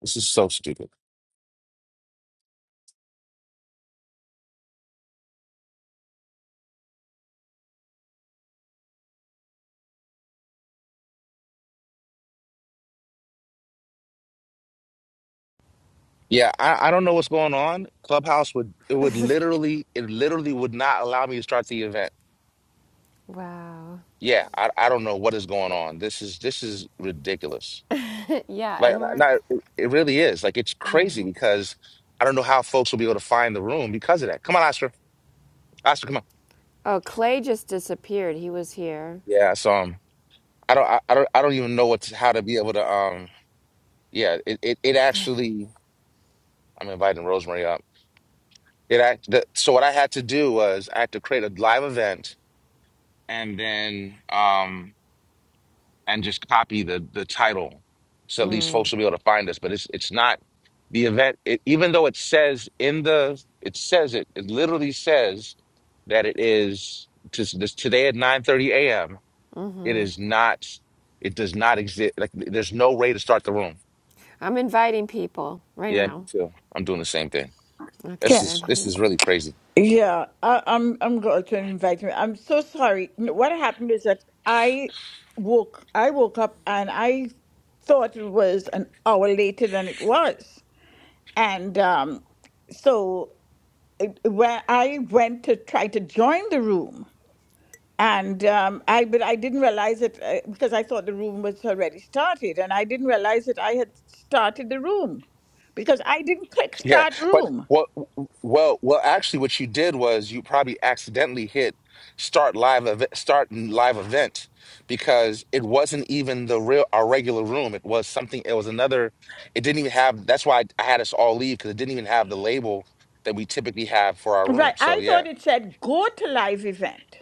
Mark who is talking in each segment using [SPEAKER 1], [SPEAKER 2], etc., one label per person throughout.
[SPEAKER 1] This is so stupid. Yeah, I, I don't know what's going on. Clubhouse would it would literally it literally would not allow me to start the event.
[SPEAKER 2] Wow.
[SPEAKER 1] Yeah, I I don't know what is going on. This is this is ridiculous.
[SPEAKER 2] yeah,
[SPEAKER 1] Like
[SPEAKER 2] and
[SPEAKER 1] n-
[SPEAKER 2] we're
[SPEAKER 1] not it really is. Like it's
[SPEAKER 2] Yeah.
[SPEAKER 1] crazy because I don't know how folks will be able to find the room because of that. Come on, Oscar. Oscar, come on.
[SPEAKER 2] Oh, Clay just disappeared. He was here.
[SPEAKER 1] Yeah, so um I don't I, I don't I don't even know what to, how to be able to um yeah, it, it it actually I'm inviting Rosemary up. It act the, so what I had to do was I had to create a live event and then um and just copy the the title so at least folks will be able to find us but it's it's not the event it, even though it says in the it says it it literally says that it is just this today at 9 30 a.m it is not it does not exist like there's no way to start the room
[SPEAKER 2] I'm inviting people right
[SPEAKER 1] yeah me
[SPEAKER 2] now.
[SPEAKER 1] too i'm doing the same thing
[SPEAKER 2] Okay,
[SPEAKER 1] this
[SPEAKER 3] Okay.
[SPEAKER 1] is
[SPEAKER 2] good.
[SPEAKER 1] this is really crazy
[SPEAKER 3] Yeah, I, I'm. I'm glad you invited me. I'm so sorry. N- What happened is that I woke. I woke up and I thought it was an hour later than it was, and um, so where I went to try to join the room, and um, I but I didn't realize it uh, because I thought the room was already started, and I didn't realize that I had started the room because I didn't click
[SPEAKER 1] Yeah,
[SPEAKER 3] start
[SPEAKER 1] but
[SPEAKER 3] room.
[SPEAKER 1] what? Well, well, actually, what you did was you probably accidentally hit start live event, start live event because it wasn't even the real our regular room. It was something. It was another. It didn't even have. That's why I I had us all leave because it didn't even have the label that we typically have for our room.
[SPEAKER 3] Right,
[SPEAKER 1] So
[SPEAKER 3] I
[SPEAKER 1] yeah.
[SPEAKER 3] thought it said go to live event.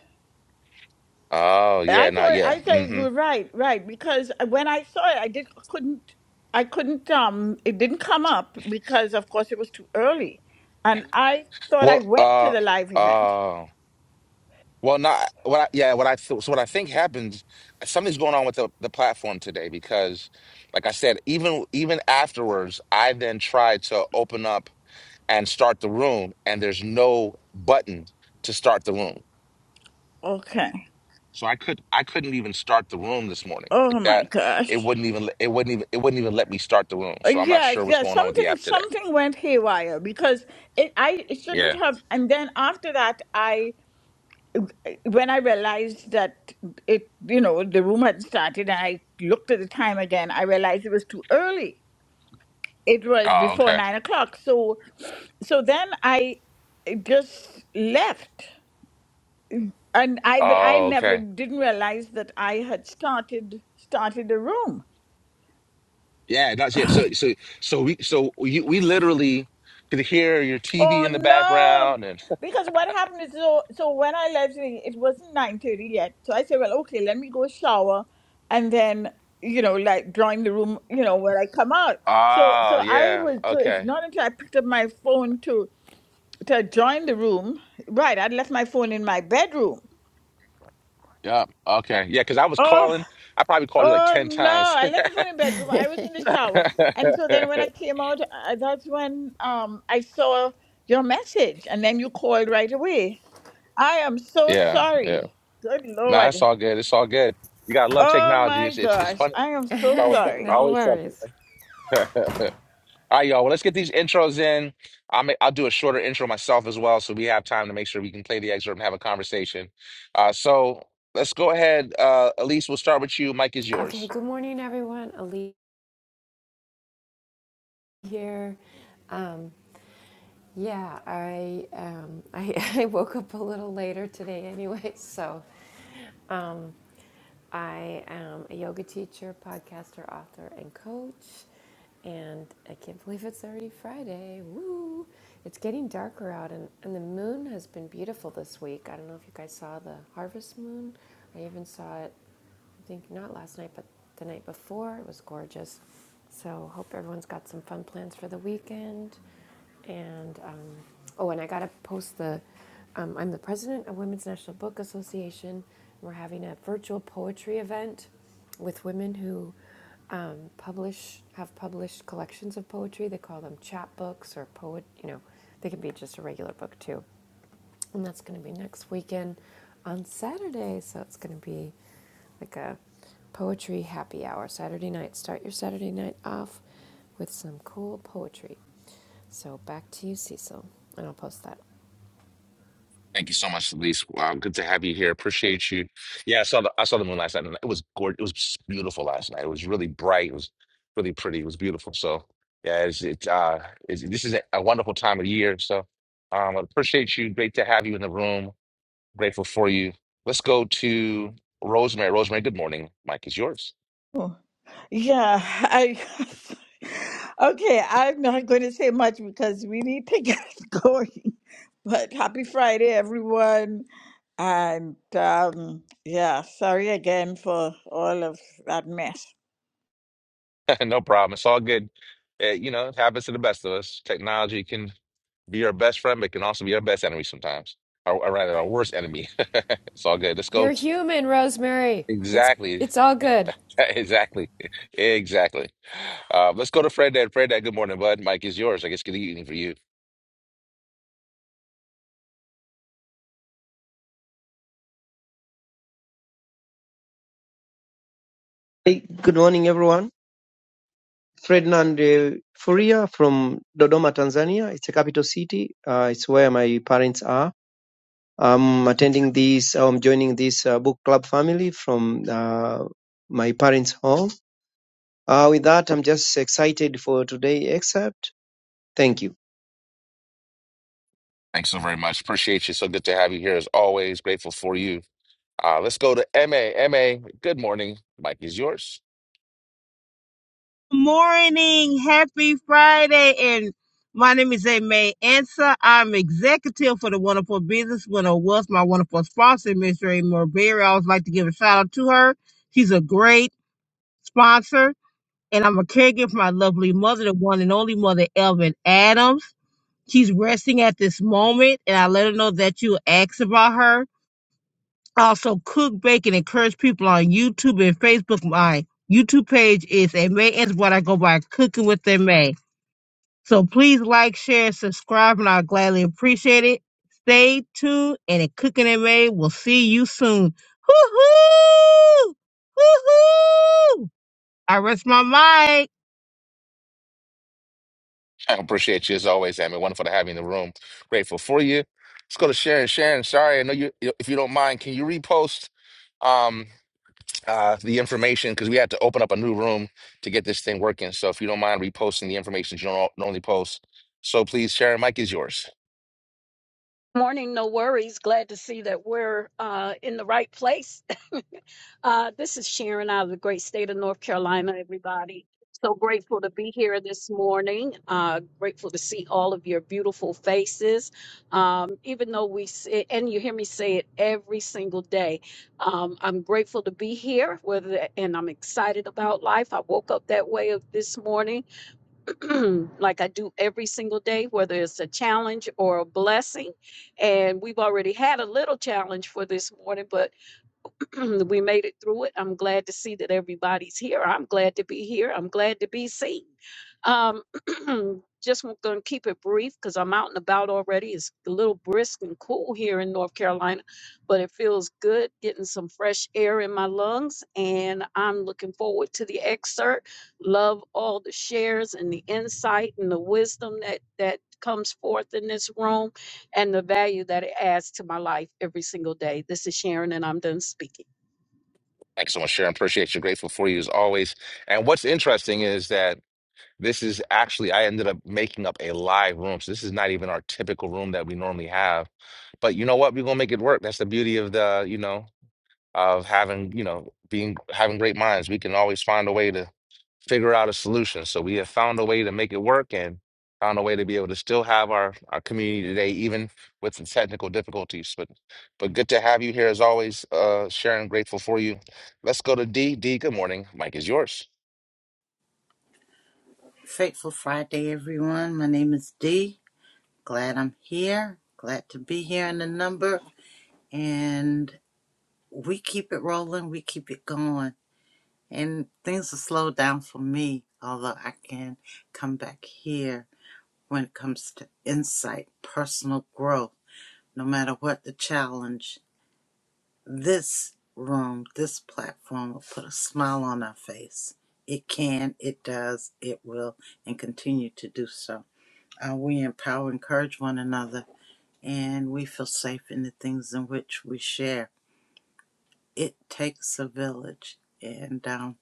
[SPEAKER 1] Oh yeah,
[SPEAKER 3] I
[SPEAKER 1] not
[SPEAKER 3] thought
[SPEAKER 1] yeah.
[SPEAKER 3] I thought you
[SPEAKER 1] hmm
[SPEAKER 3] were right, right? Because uh, when I saw it, I did couldn't I couldn't um it didn't come up because of course it was too early, and I thought I
[SPEAKER 1] Well,
[SPEAKER 3] went to
[SPEAKER 1] uh,
[SPEAKER 3] the live event.
[SPEAKER 1] oh. Well, not what I, yeah, what I feel. So what I think happens, something's going on with the, the platform today because, like I said, even even afterwards, I then tried to open up and start the room, and there's no button to start the room.
[SPEAKER 3] Okay.
[SPEAKER 1] So I could I couldn't even start the room this morning.
[SPEAKER 3] Oh
[SPEAKER 1] Like
[SPEAKER 3] my
[SPEAKER 1] that, it
[SPEAKER 3] gosh.
[SPEAKER 1] wouldn't even it wouldn't even it wouldn't even let me start the room.
[SPEAKER 3] Uh,
[SPEAKER 1] So I'm not
[SPEAKER 3] Yes,
[SPEAKER 1] sure what's
[SPEAKER 3] yes.
[SPEAKER 1] going on with the
[SPEAKER 3] Something
[SPEAKER 1] app today.
[SPEAKER 3] something went haywire because it I it shouldn't
[SPEAKER 1] Yeah.
[SPEAKER 3] have. And then after that, I uh, when I realized that it you know the room had started, and I looked at the time again. I realized it was too early. it was
[SPEAKER 1] Oh,
[SPEAKER 3] before
[SPEAKER 1] okay.
[SPEAKER 3] nine o'clock. So, so then I just left, and I but I
[SPEAKER 1] Oh, okay.
[SPEAKER 3] never didn't realize that I had started started a room.
[SPEAKER 1] Yeah, that's it. So so so we so you, we literally could hear your TV
[SPEAKER 3] Oh
[SPEAKER 1] in the
[SPEAKER 3] no!
[SPEAKER 1] background and
[SPEAKER 3] Because what happened is so so when I left, it it wasn't nine thirty yet. So I said, well, okay, let me go shower, and then you know, like join the room, you know, when I come out. So
[SPEAKER 1] oh
[SPEAKER 3] so I
[SPEAKER 1] yeah,
[SPEAKER 3] was so it's
[SPEAKER 1] okay.
[SPEAKER 3] not until I picked up my phone to to join the room. Right, I'd left my phone in my bedroom
[SPEAKER 1] Yep. Okay. Yeah, because I was
[SPEAKER 3] Oh,
[SPEAKER 1] calling. I probably called you like
[SPEAKER 3] oh
[SPEAKER 1] 10
[SPEAKER 3] no!
[SPEAKER 1] times.
[SPEAKER 3] I left the phone in bedroom. I was in the shower, and so then when I came out, uh, that's when um I saw your message, and then you called right away. I am so
[SPEAKER 1] Yeah, yeah.
[SPEAKER 3] sorry. Good
[SPEAKER 1] Nah, it's
[SPEAKER 3] Lord.
[SPEAKER 1] all good. It's all good. You gotta love
[SPEAKER 3] Oh
[SPEAKER 1] technology.
[SPEAKER 3] my
[SPEAKER 1] It's it's it's
[SPEAKER 3] gosh,
[SPEAKER 1] fun.
[SPEAKER 3] I am
[SPEAKER 1] It's
[SPEAKER 3] so
[SPEAKER 1] always something.
[SPEAKER 3] sorry.
[SPEAKER 2] no
[SPEAKER 1] Always
[SPEAKER 2] worries.
[SPEAKER 1] something. All right, y'all. Well, let's get these intros in. I'll make, I'll do a shorter intro myself as well, so we have time to make sure we can play the excerpt and have a conversation. Uh, so let's go ahead. Uh, Elise, we'll start with you. Mike is
[SPEAKER 2] Okay,
[SPEAKER 1] yours.
[SPEAKER 2] good morning, everyone. Ali here. Um, yeah, I, um, I I woke up a little later today anyway, so um, I am a yoga teacher, podcaster, author, and coach. And I can't believe it's already Friday. Woo! It's getting darker out, and, and the moon has been beautiful this week. I don't know if you guys saw the harvest moon. I even saw it I think not last night, but the night before. It was gorgeous. So hope everyone's got some fun plans for the weekend. And um, oh, and I gotta post the. Um, I'm the president of Women's National Book Association. We're having a virtual poetry event with women who um, publish have published collections of poetry. They call them chapbooks or poet. You know, they can be just a regular book too. And that's going to be next weekend on Saturday. So it's going to be like a poetry happy hour Saturday night. Start your Saturday night off with some cool poetry. So back to you, Cecil. And I'll post that.
[SPEAKER 1] Thank you so much, Elise. Wow, good to have you here. Appreciate you. Yeah, I saw the I saw the moon last night, and it was gorgeous. It was beautiful last night. It was really bright. It was really pretty. It was beautiful. So yeah, it's, it's uh, it's, this is a, a wonderful time of the year. So um, I appreciate you. Great to have you in the room. Grateful for you. Let's go to Rosemary. Rosemary, good morning. Mike is yours.
[SPEAKER 3] Yeah, I okay. I'm not going to say much because we need to get going. But happy Friday, everyone, and um, yeah, sorry again for all of that mess.
[SPEAKER 1] No problem. It's all good. Uh, you know, it happens to the best of us. Technology can be our best friend, but it can also be our best enemy sometimes, or, or rather, our worst enemy. It's all good. Let's go.
[SPEAKER 2] You're
[SPEAKER 1] t-
[SPEAKER 2] human, Rosemary. It's
[SPEAKER 1] exactly.
[SPEAKER 2] it's all good.
[SPEAKER 1] Exactly. Exactly. Uh, let's go to Fred Dad. Fred Dad, good morning, bud. Mike is yours. I guess good evening for you.
[SPEAKER 4] Hey, good morning, everyone. Ferdinand uh, Furia from Dodoma, Tanzania. It's a capital city. Uh, it's where my parents are. I'm attending this, I'm joining this uh, book club family from uh, my parents' home. Uh, with that, I'm just excited for today except thank you.
[SPEAKER 1] Thanks so very much. Appreciate you. So good to have you here as always. Grateful for you. Uh, let's go to M A. M A. good morning. Mike is yours.
[SPEAKER 5] morning. Happy Friday. And my name is May Ansa. I'm executive for the Wonderful Business Winner was my wonderful sponsor, Miss Ray Morberry. I always like to give a shout out to her. She's a great sponsor. And I'm a caregiver for my lovely mother, the one and only mother, Elvin Adams. She's resting at this moment, and I let her know that you asked about her. I also cook, bake, and encourage people on YouTube and Facebook. My YouTube page is May Ansa, what I go by Cooking with May. So please like, share, subscribe, and I'll gladly appreciate it. Stay tuned, and at Cooking and Made, we'll see you soon. Hoo hoo! Hoo hoo! I rest my mic.
[SPEAKER 1] I appreciate you as always, Amy. Wonderful to have you in the room. Grateful for you. Let's go to Sharon. Sharon, sorry, I know you. If you don't mind, can you repost um uh the information because we had to open up a new room to get this thing working. So if you don't mind reposting the information that you don't normally post, so please, Sharon. Mike is yours.
[SPEAKER 6] Morning, no worries. Glad to see that we're uh, in the right place. Uh, this is Sharon out of the great state of North Carolina, everybody. So grateful to be here this morning. Uh, grateful to see all of your beautiful faces. Um, even though we, say, and you hear me say it every single day, um, I'm grateful to be here, whether, and I'm excited about life. I woke up that way of this morning like I do every single day, whether it's a challenge or a blessing. And we've already had a little challenge for this morning, but we made it through it. I'm glad to see that everybody's here. I'm glad to be here. I'm glad to be seen. Um, just going to keep it brief because I'm out and about already. It's a little brisk and cool here in North Carolina, but it feels good getting some fresh air in my lungs. And I'm looking forward to the excerpt. Love all the shares and the insight and the wisdom that that comes forth in this room and the value that it adds to my life every single day. This is Sharon, and I'm done speaking.
[SPEAKER 1] Thanks so much, Sharon. Appreciate you. Grateful for you as always. And what's interesting is that this is actually I ended up making up a live room. So this is not even our typical room that we normally have. But you know what? We're gonna make it work. That's the beauty of the you know of having, you know, being having great minds. We can always find a way to figure out a solution. So we have found a way to make it work and found a way to be able to still have our, our community today, even with the technical difficulties. But but good to have you here as always, uh Sharon, grateful for you. Let's go to D. D, good morning. Mike is yours.
[SPEAKER 7] Fateful Friday, everyone. My name is Dee. Glad I'm here. Glad to be here in the number. And we keep it rolling, we keep it going. And things will slow down for me, although I can come back here when it comes to insight, personal growth, no matter what the challenge. This room, this platform will put a smile on our face. It can, it does, it will, and continue to do so. Uh, we empower, encourage one another, and we feel safe in the things in which we share. It takes a village, and I'm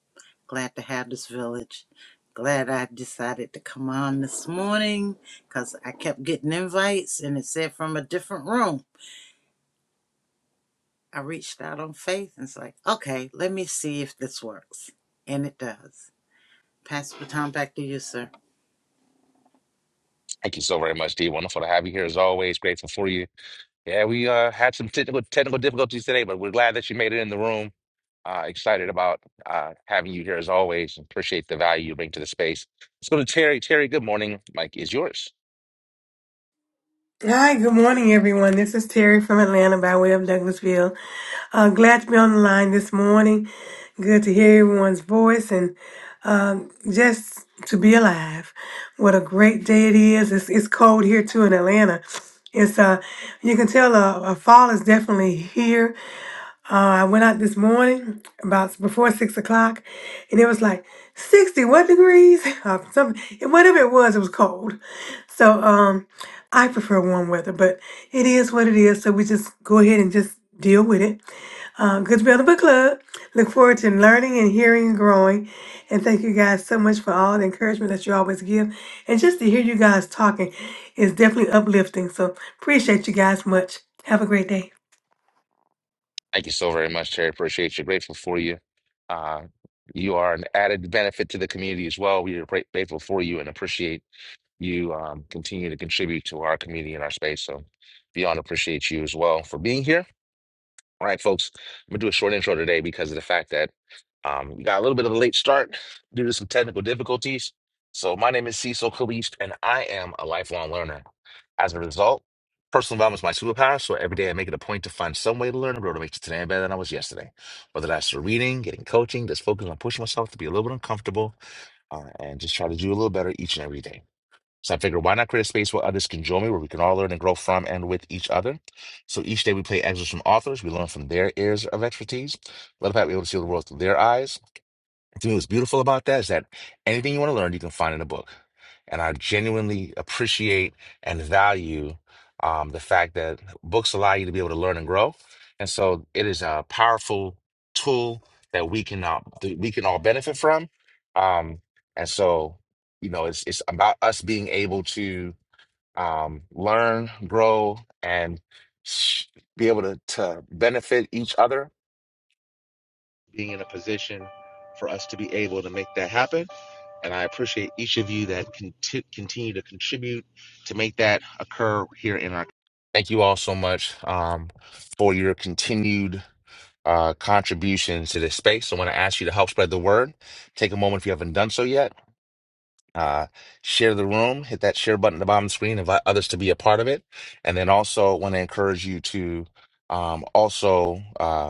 [SPEAKER 7] glad to have this village. Glad I decided to come on this morning because I kept getting invites and it said from a different room. I reached out on faith and it's like, okay, let me see if this works. And it does. Pass the baton back to you, sir.
[SPEAKER 1] Thank you so very much, D. Wonderful to have you here as always. Grateful for you. Yeah, we uh, had some technical technical difficulties today, but we're glad that you made it in the room Uh, excited about uh, having you here as always. and Appreciate the value you bring to the space. Let's go to Terry. Terry, good morning. Mike is yours.
[SPEAKER 8] Hi, good morning, everyone. This is Terry from Atlanta by way of Douglasville. Uh, glad to be on the line this morning. Good to hear everyone's voice and um, just to be alive. What a great day it is. It's, it's cold here too in Atlanta. It's uh, you can tell uh, uh, fall is definitely here. Uh, I went out this morning about before six o'clock, and it was like sixty what degrees? Uh, some whatever it was, it was cold. So um, I prefer warm weather, but it is what it is. So we just go ahead and just deal with it. Uh, good to be on the book club. Look forward to learning and hearing and growing. And thank you guys so much for all the encouragement that you always give. And just to hear you guys talking is definitely uplifting. So appreciate you guys much. Have a great day.
[SPEAKER 1] Thank you so very much, Terry. Appreciate you. Grateful for you. Uh, you are an added benefit to the community as well. We are great, grateful for you and appreciate you um, continue to contribute to our community and our space. So beyond appreciate you as well for being here. All right, folks, I'm gonna do a short intro today because of the fact that um, we got a little bit of a late start due to some technical difficulties. So my name is Cecil Kalist, and I am a lifelong learner. As a result, personal development is my superpower. So every day I make it a point to find some way to learn and grow to make it today better than I was yesterday. Whether that's through reading, getting coaching, just focus on pushing myself to be a little bit uncomfortable, uh, and just try to do a little better each and every day. So I figured, why not create a space where others can join me, where we can all learn and grow from and with each other. So each day we play excerpts from authors. We learn from their areas of expertise. Let the fact be able to see the world through their eyes. To me, what's beautiful about that is that anything you want to learn, you can find in a book. And I genuinely appreciate and value um, the fact that books allow you to be able to learn and grow. And so it is a powerful tool that we can uh, that we can all benefit from. Um, and so, you know, it's it's about us being able to um, learn, grow, and sh- be able to, to benefit each other being in a position for us to be able to make that happen. And I appreciate each of you that conti- continue to contribute to make that occur here in our. Thank you all so much um, for your continued uh, contributions to this space. So I want to ask you to help spread the word. Take a moment if you haven't done so yet. Uh, share the room, hit that share button at the bottom of the screen, invite others to be a part of it. And then also want to encourage you to um, also. Uh,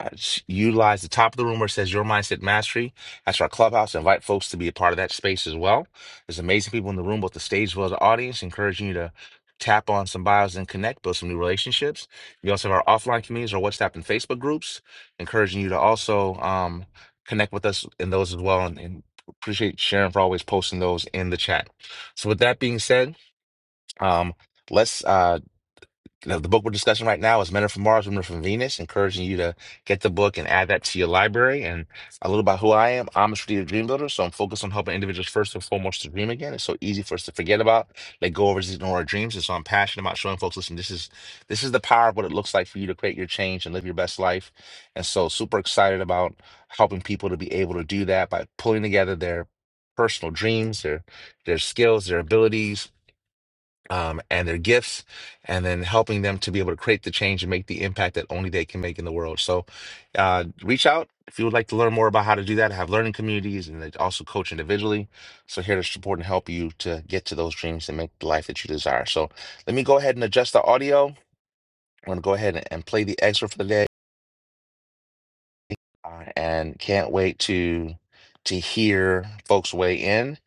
[SPEAKER 1] uh, s- Utilize the top of the room where it says Your Mindset Mastery. That's our clubhouse. Invite folks to be a part of that space as well. There's amazing people in the room, both the stage as well as the audience, encouraging you to tap on some bios and connect, build some new relationships. We also have our offline communities, our WhatsApp and Facebook groups, encouraging you to also um, connect with us in those as well. And, and appreciate Sharon for always posting those in the chat. So, with that being said, um, let's. uh, the the book we're discussing right now is Men Are From Mars, Women Are From Venus, encouraging you to get the book and add that to your library. And a little about who I am. I'm a strategic dream builder, so I'm focused on helping individuals first and foremost to dream again. It's so easy for us to forget about, let go of, resist, ignore our dreams. And so I'm passionate about showing folks, listen, this is this is the power of what it looks like for you to create your change and live your best life. And so super excited about helping people to be able to do that by pulling together their personal dreams, their their skills, their abilities um, and their gifts, and then helping them to be able to create the change and make the impact that only they can make in the world. So, uh, reach out if you would like to learn more about how to do that. I have learning communities and I also coach individually. So, here to support and help you to get to those dreams and make the life that you desire. So, let me go ahead and adjust the audio. I'm going to go ahead and and play the excerpt for the day uh, and can't wait to to hear folks weigh in.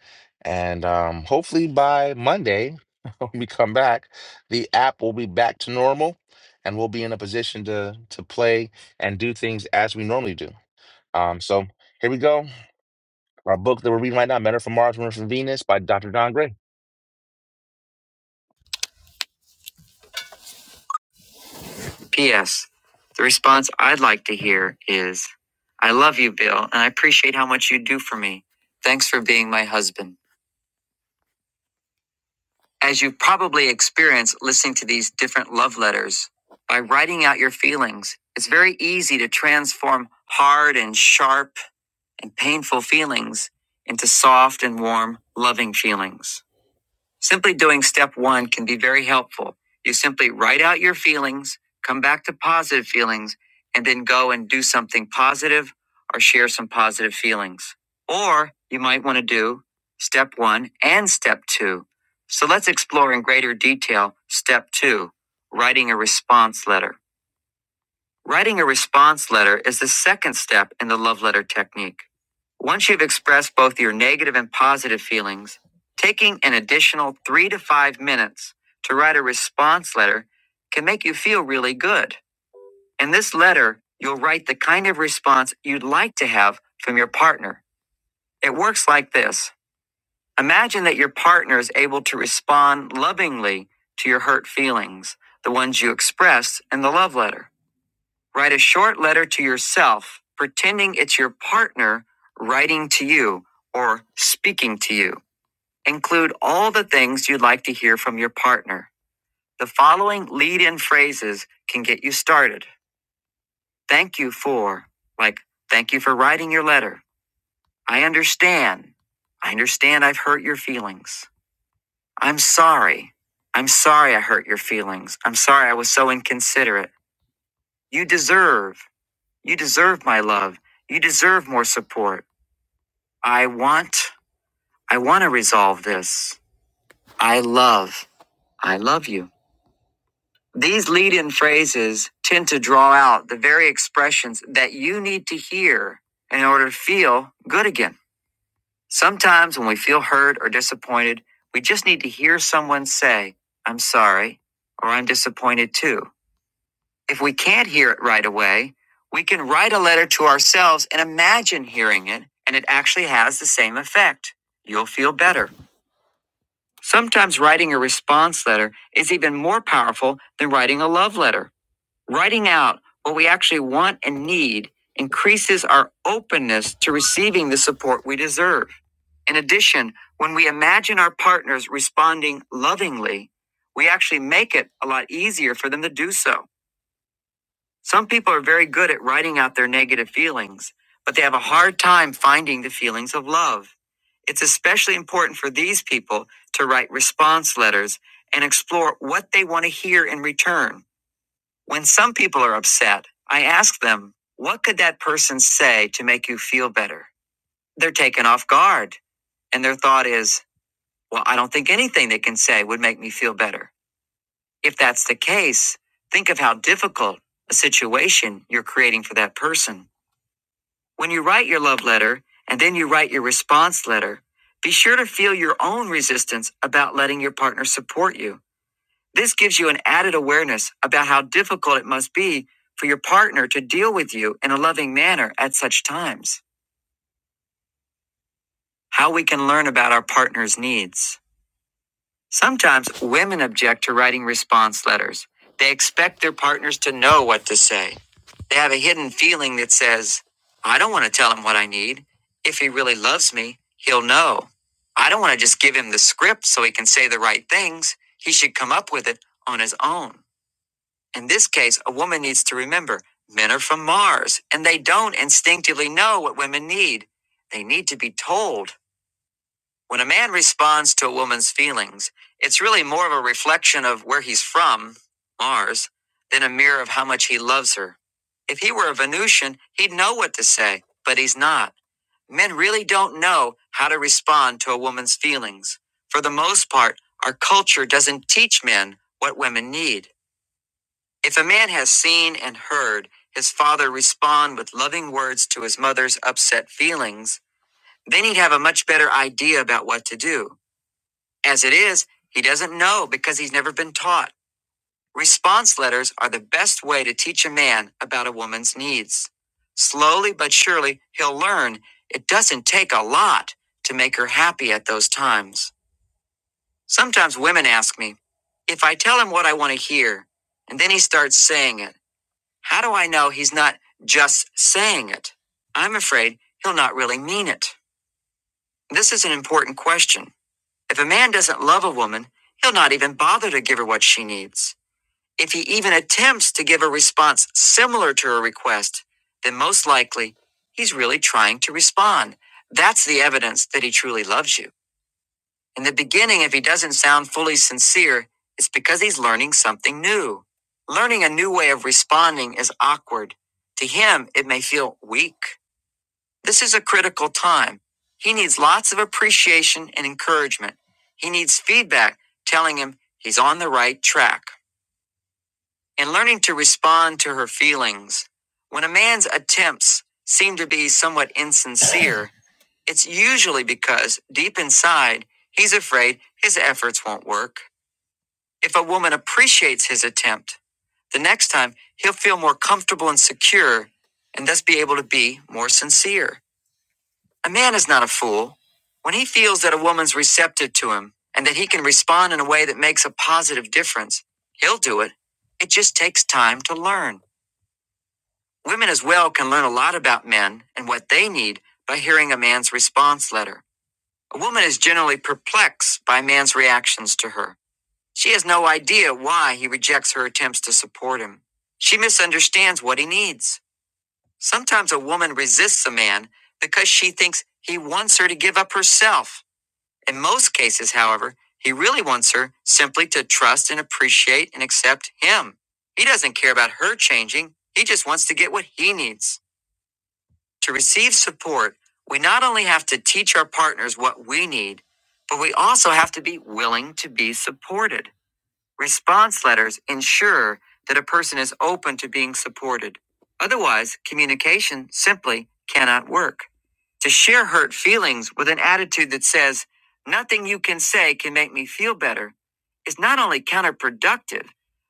[SPEAKER 1] And um, hopefully by Monday, when we come back, the app will be back to normal, and we'll be in a position to to play and do things as we normally do. Um, so here we go. Our book that we're reading right now, "Men Are from Mars, Women Are from Venus" by Dr. Don Gray. P.S. The response I'd like to hear is, "I love you, Bill, and I appreciate how much you do for me. Thanks for being my husband." As you probably experienced listening to these different love letters, by writing out your feelings, it's very easy to transform hard and sharp and painful feelings into soft and warm, loving feelings. Simply doing step one can be very helpful. You simply write out your feelings, come back to positive feelings, and then go and do something positive or share some positive feelings. Or you might want to do step one and step two. So let's explore in greater detail step two writing a response letter. Writing a response letter is the second step in the love letter technique. Once you've expressed both your negative and positive feelings, taking an additional three to five minutes to write a response letter can make you feel really good. In this letter, you'll write the kind of response you'd like to have from your partner. It works like this Imagine that your partner is able to respond lovingly to your hurt feelings, the ones you expressed in the love letter. Write a short letter to yourself, pretending it's your partner writing to you or speaking to you. Include all the things you'd like to hear from your partner. The following lead in phrases can get you started. Thank you for, like, thank you for writing your letter. I understand. I understand I've hurt your feelings. I'm sorry. I'm sorry I hurt your feelings. I'm sorry I was so inconsiderate. You deserve. You deserve my love. You deserve more support. I want, I want to resolve this. I love, I love you. These lead in phrases tend to draw out the very expressions that you need to hear in order to feel good again. Sometimes when we feel hurt or disappointed, we just need to hear someone say, I'm sorry, or I'm disappointed too. If we can't hear it right away, we can write a letter to ourselves and imagine hearing it, and it actually has the same effect. You'll feel better. Sometimes writing a response letter is even more powerful than writing a love letter. Writing out what we actually want and need increases our openness to receiving the support we deserve. In addition, when we imagine our partners responding lovingly, we actually make it a lot easier for them to do so. Some people are very good at writing out their negative feelings, but they have a hard time finding the feelings of love. It's especially important for these people to write response letters and explore what they want to hear in return. When some people are upset, I ask them, What could that person say to make you feel better? They're taken off guard, and their thought is, Well, I don't think anything they can say would make me feel better. If that's the case, think of how difficult a situation you're creating for that person. When you write your love letter and then you write your response letter, be sure to feel your own resistance about letting your partner support you. This gives you an added awareness about how difficult it must be for your partner to deal with you in a loving manner at such times. How we can learn about our partner's needs. Sometimes women object to writing response letters. They expect their partners to know what to say. They have a hidden feeling that says, I don't want to tell him what I need. If he really loves me, he'll know. I don't want to just give him the script so he can say the right things. He should come up with it on his own. In this case, a woman needs to remember men are from Mars and they don't instinctively know what women need. They need to be told. When a man responds to a woman's feelings, it's really more of a reflection of where he's from, Mars, than a mirror of how much he loves her. If he were a Venusian, he'd know what to say, but he's not. Men really don't know how to respond to a woman's feelings. For the most part, our culture doesn't teach men what women need. If a man has seen and heard his father respond with loving words to his mother's upset feelings, then he'd have a much better idea about what to do. As it is, he doesn't know because he's never been taught. Response letters are the best way to teach a man about a woman's needs. Slowly but surely, he'll learn it doesn't take a lot to make her happy at those times. Sometimes women ask me, if I tell him what I want to hear, and then he starts saying it, how do I know he's not just saying it? I'm afraid he'll not really mean it. This is an important question. If a man doesn't love a woman, he'll not even bother to give her what she needs. If he even attempts to give a response similar to her request, then most likely he's really trying to respond. That's the evidence that he truly loves you. In the beginning, if he doesn't sound fully sincere, it's because he's learning something new. Learning a new way of responding is awkward. To him, it may feel weak. This is a critical time. He needs lots of appreciation and encouragement. He needs feedback telling him he's on the right track and learning to respond to her feelings. When a man's attempts seem to be somewhat insincere, it's usually because deep inside, he's afraid his efforts won't work. If a woman appreciates his attempt, the next time he'll feel more comfortable and secure and thus be able to be more sincere. A man is not a fool. When he feels that a woman's receptive to him and that he can respond in a way that makes a positive difference, he'll do it. It just takes time to learn. Women as well can learn a lot about men and what they need by hearing a man's response letter. A woman is generally perplexed by a man's reactions to her. She has no idea why he rejects her attempts to support him. She misunderstands what he needs. Sometimes a woman resists a man because she thinks he wants her to give up herself in most cases, however, he really wants her simply to trust and appreciate and accept him. He doesn't care about her changing, he just wants to get what he needs. To receive support, we not only have to teach our partners what we need, but we also have to be willing to be supported. Response letters ensure that a person is open to being supported. Otherwise, communication simply cannot work. To share hurt feelings with an attitude that says, nothing you can say can make me feel better, is not only counterproductive,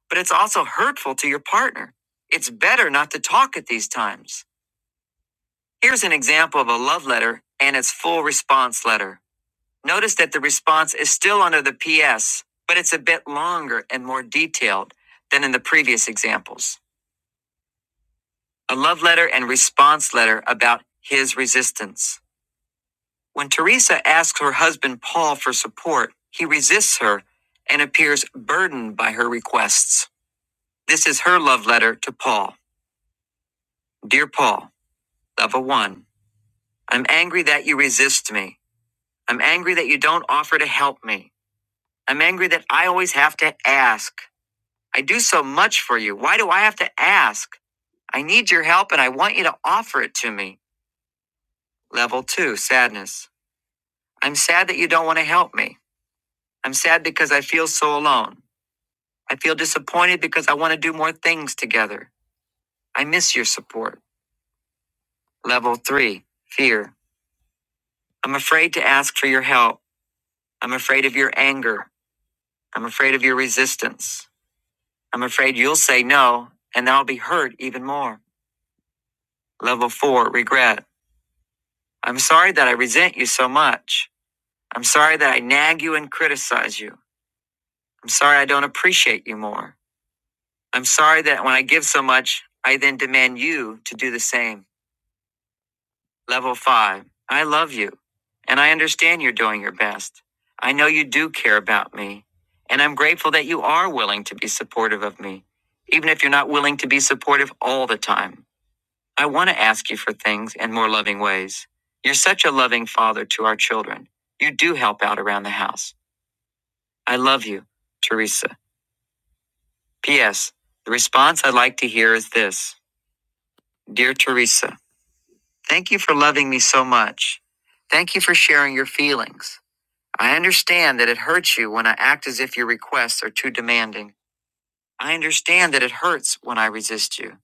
[SPEAKER 1] but it's also hurtful to your partner. It's better not to talk at these times. Here's an example of a love letter and its full response letter. Notice that the response is still under the PS, but it's a bit longer and more detailed than in the previous examples. A love letter and response letter about his resistance. When Teresa asks her husband Paul for support, he resists her and appears burdened by her requests. This is her love letter to Paul. Dear Paul, Love of one, I'm angry that you resist me. I'm angry that you don't offer to help me. I'm angry that I always have to ask. I do so much for you. Why do I have to ask? I need your help and I want you to offer it to me. Level two, sadness. I'm sad that you don't want to help me. I'm sad because I feel so alone. I feel disappointed because I want to do more things together. I miss your support. Level three, fear. I'm afraid to ask for your help. I'm afraid of your anger. I'm afraid of your resistance. I'm afraid you'll say no and I'll be hurt even more. Level four, regret. I'm sorry that I resent you so much. I'm sorry that I nag you and criticize you. I'm sorry I don't appreciate you more. I'm sorry that when I give so much, I then demand you to do the same. Level five, I love you and I understand you're doing your best. I know you do care about me and I'm grateful that you are willing to be supportive of me, even if you're not willing to be supportive all the time. I want to ask you for things in more loving ways. You're such a loving father to our children. You do help out around the house. I love you, Teresa. P.S. The response I'd like to hear is this Dear Teresa, thank you for loving me so much. Thank you for sharing your feelings. I understand that it hurts you when I act as if your requests are too demanding. I understand that it hurts when I resist you.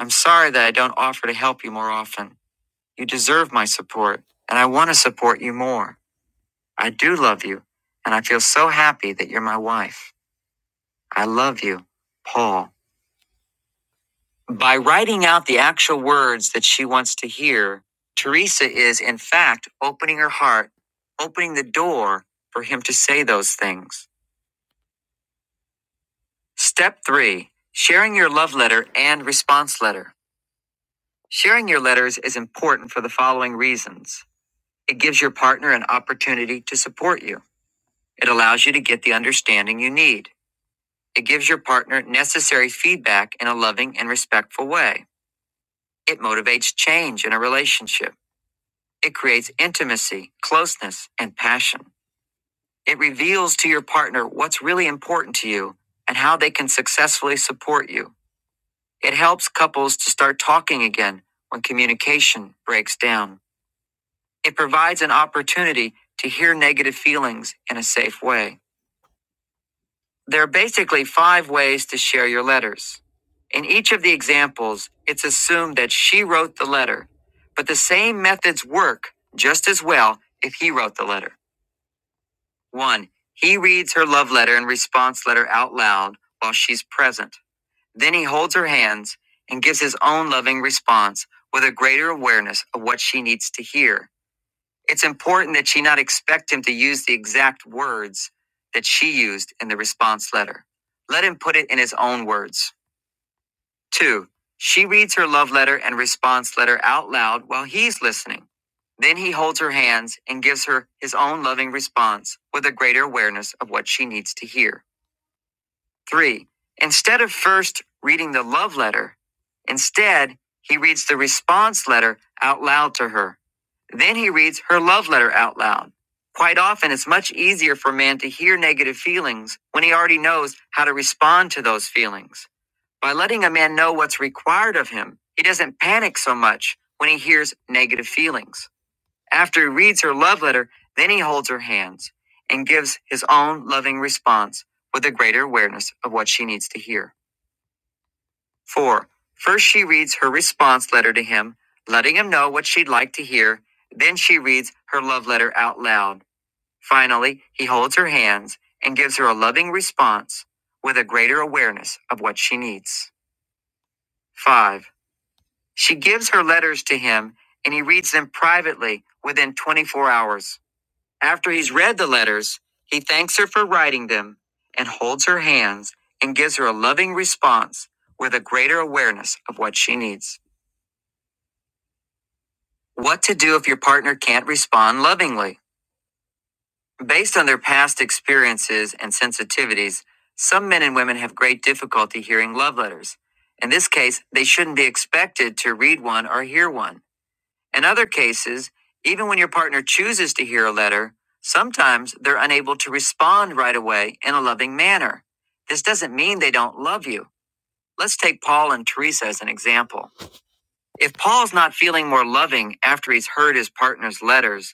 [SPEAKER 1] I'm sorry that I don't offer to help you more often. You deserve my support, and I want to support you more. I do love you, and I feel so happy that you're my wife. I love you, Paul. By writing out the actual words that she wants to hear, Teresa is, in fact, opening her heart, opening the door for him to say those things. Step three sharing your love letter and response letter. Sharing your letters is important for the following reasons it gives your partner an opportunity to support you, it allows you to get the understanding you need. It gives your partner necessary feedback in a loving and respectful way. It motivates change in a relationship. It creates intimacy, closeness, and passion. It reveals to your partner what's really important to you and how they can successfully support you. It helps couples to start talking again when communication breaks down. It provides an opportunity to hear negative feelings in a safe way. There are basically five ways to share your letters. In each of the examples, it's assumed that she wrote the letter, but the same methods work just as well if he wrote the letter. 1. He reads her love letter and response letter out loud while she's present. Then he holds her hands and gives his own loving response with a greater awareness of what she needs to hear. It's important that she not expect him to use the exact words that she used in the response letter. Let him put it in his own words. Two, she reads her love letter and response letter out loud while he's listening. Then he holds her hands and gives her his own loving response with a greater awareness of what she needs to hear. 3. Instead of first reading the love letter, instead, he reads the response letter out loud to her. Then he reads her love letter out loud. Quite often, it's much easier for a man to hear negative feelings when he already knows how to respond to those feelings. By letting a man know what's required of him, he doesn't panic so much when he hears negative feelings. After he reads her love letter, then he holds her hands and gives his own loving response with a greater awareness of what she needs to hear. Four, first she reads her response letter to him, letting him know what she'd like to hear. Then she reads her love letter out loud. Finally, he holds her hands and gives her a loving response with a greater awareness of what she needs. Five, she gives her letters to him and he reads them privately within 24 hours. After he's read the letters, he thanks her for writing them and holds her hands and gives her a loving response with a greater awareness of what she needs. What to do if your partner can't respond lovingly? Based on their past experiences and sensitivities, some men and women have great difficulty hearing love letters. In this case, they shouldn't be expected to read one or hear one. In other cases, even when your partner chooses to hear a letter, sometimes they're unable to respond right away in a loving manner. This doesn't mean they don't love you. Let's take Paul and Teresa as an example. If Paul's not feeling more loving after he's heard his partner's letters,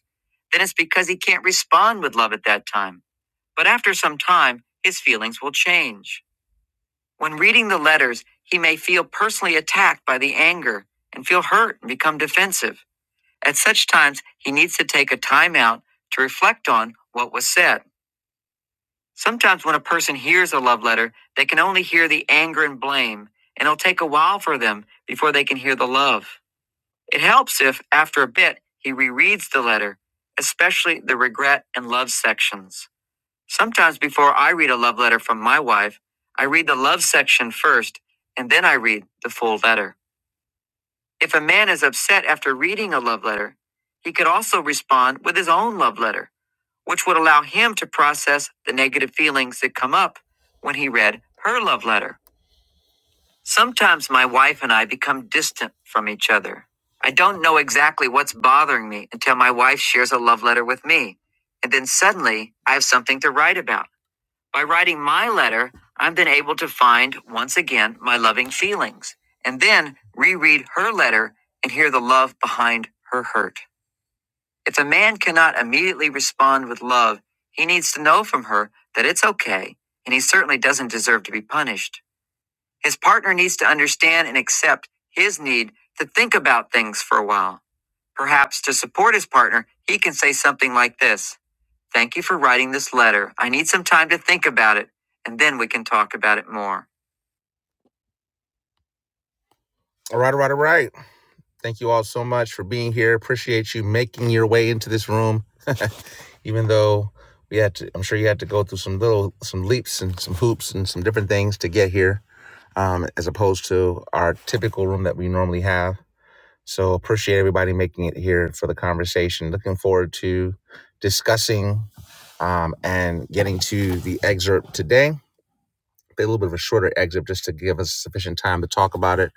[SPEAKER 1] then it's because he can't respond with love at that time. But after some time, his feelings will change. When reading the letters, he may feel personally attacked by the anger and feel hurt and become defensive. At such times, he needs to take a time out to reflect on what was said. Sometimes, when a person hears a love letter, they can only hear the anger and blame, and it'll take a while for them before they can hear the love. It helps if, after a bit, he rereads the letter, especially the regret and love sections. Sometimes, before I read a love letter from my wife, I read the love section first, and then I read the full letter. If a man is upset after reading a love letter, he could also respond with his own love letter, which would allow him to process the negative feelings that come up when he read her love letter. Sometimes my wife and I become distant from each other. I don't know exactly what's bothering me until my wife shares a love letter with me. And then suddenly I have something to write about. By writing my letter, I've been able to find, once again, my loving feelings, and then reread her letter and hear the love behind her hurt. If a man cannot immediately respond with love, he needs to know from her that it's okay, and he certainly doesn't deserve to be punished. His partner needs to understand and accept his need to think about things for a while. Perhaps to support his partner, he can say something like this Thank you for writing this letter. I need some time to think about it, and then we can talk about it more. All right, all right, all right. Thank you all so much for being here. Appreciate you making your way into this room, even though we had to. I'm sure you had to go through some little, some leaps and some hoops and some different things to get here, um, as opposed to our typical room that we normally have. So appreciate everybody making it here for the conversation. Looking forward to discussing um, and getting to the excerpt today a little bit of a shorter excerpt, just to give us sufficient time to talk about it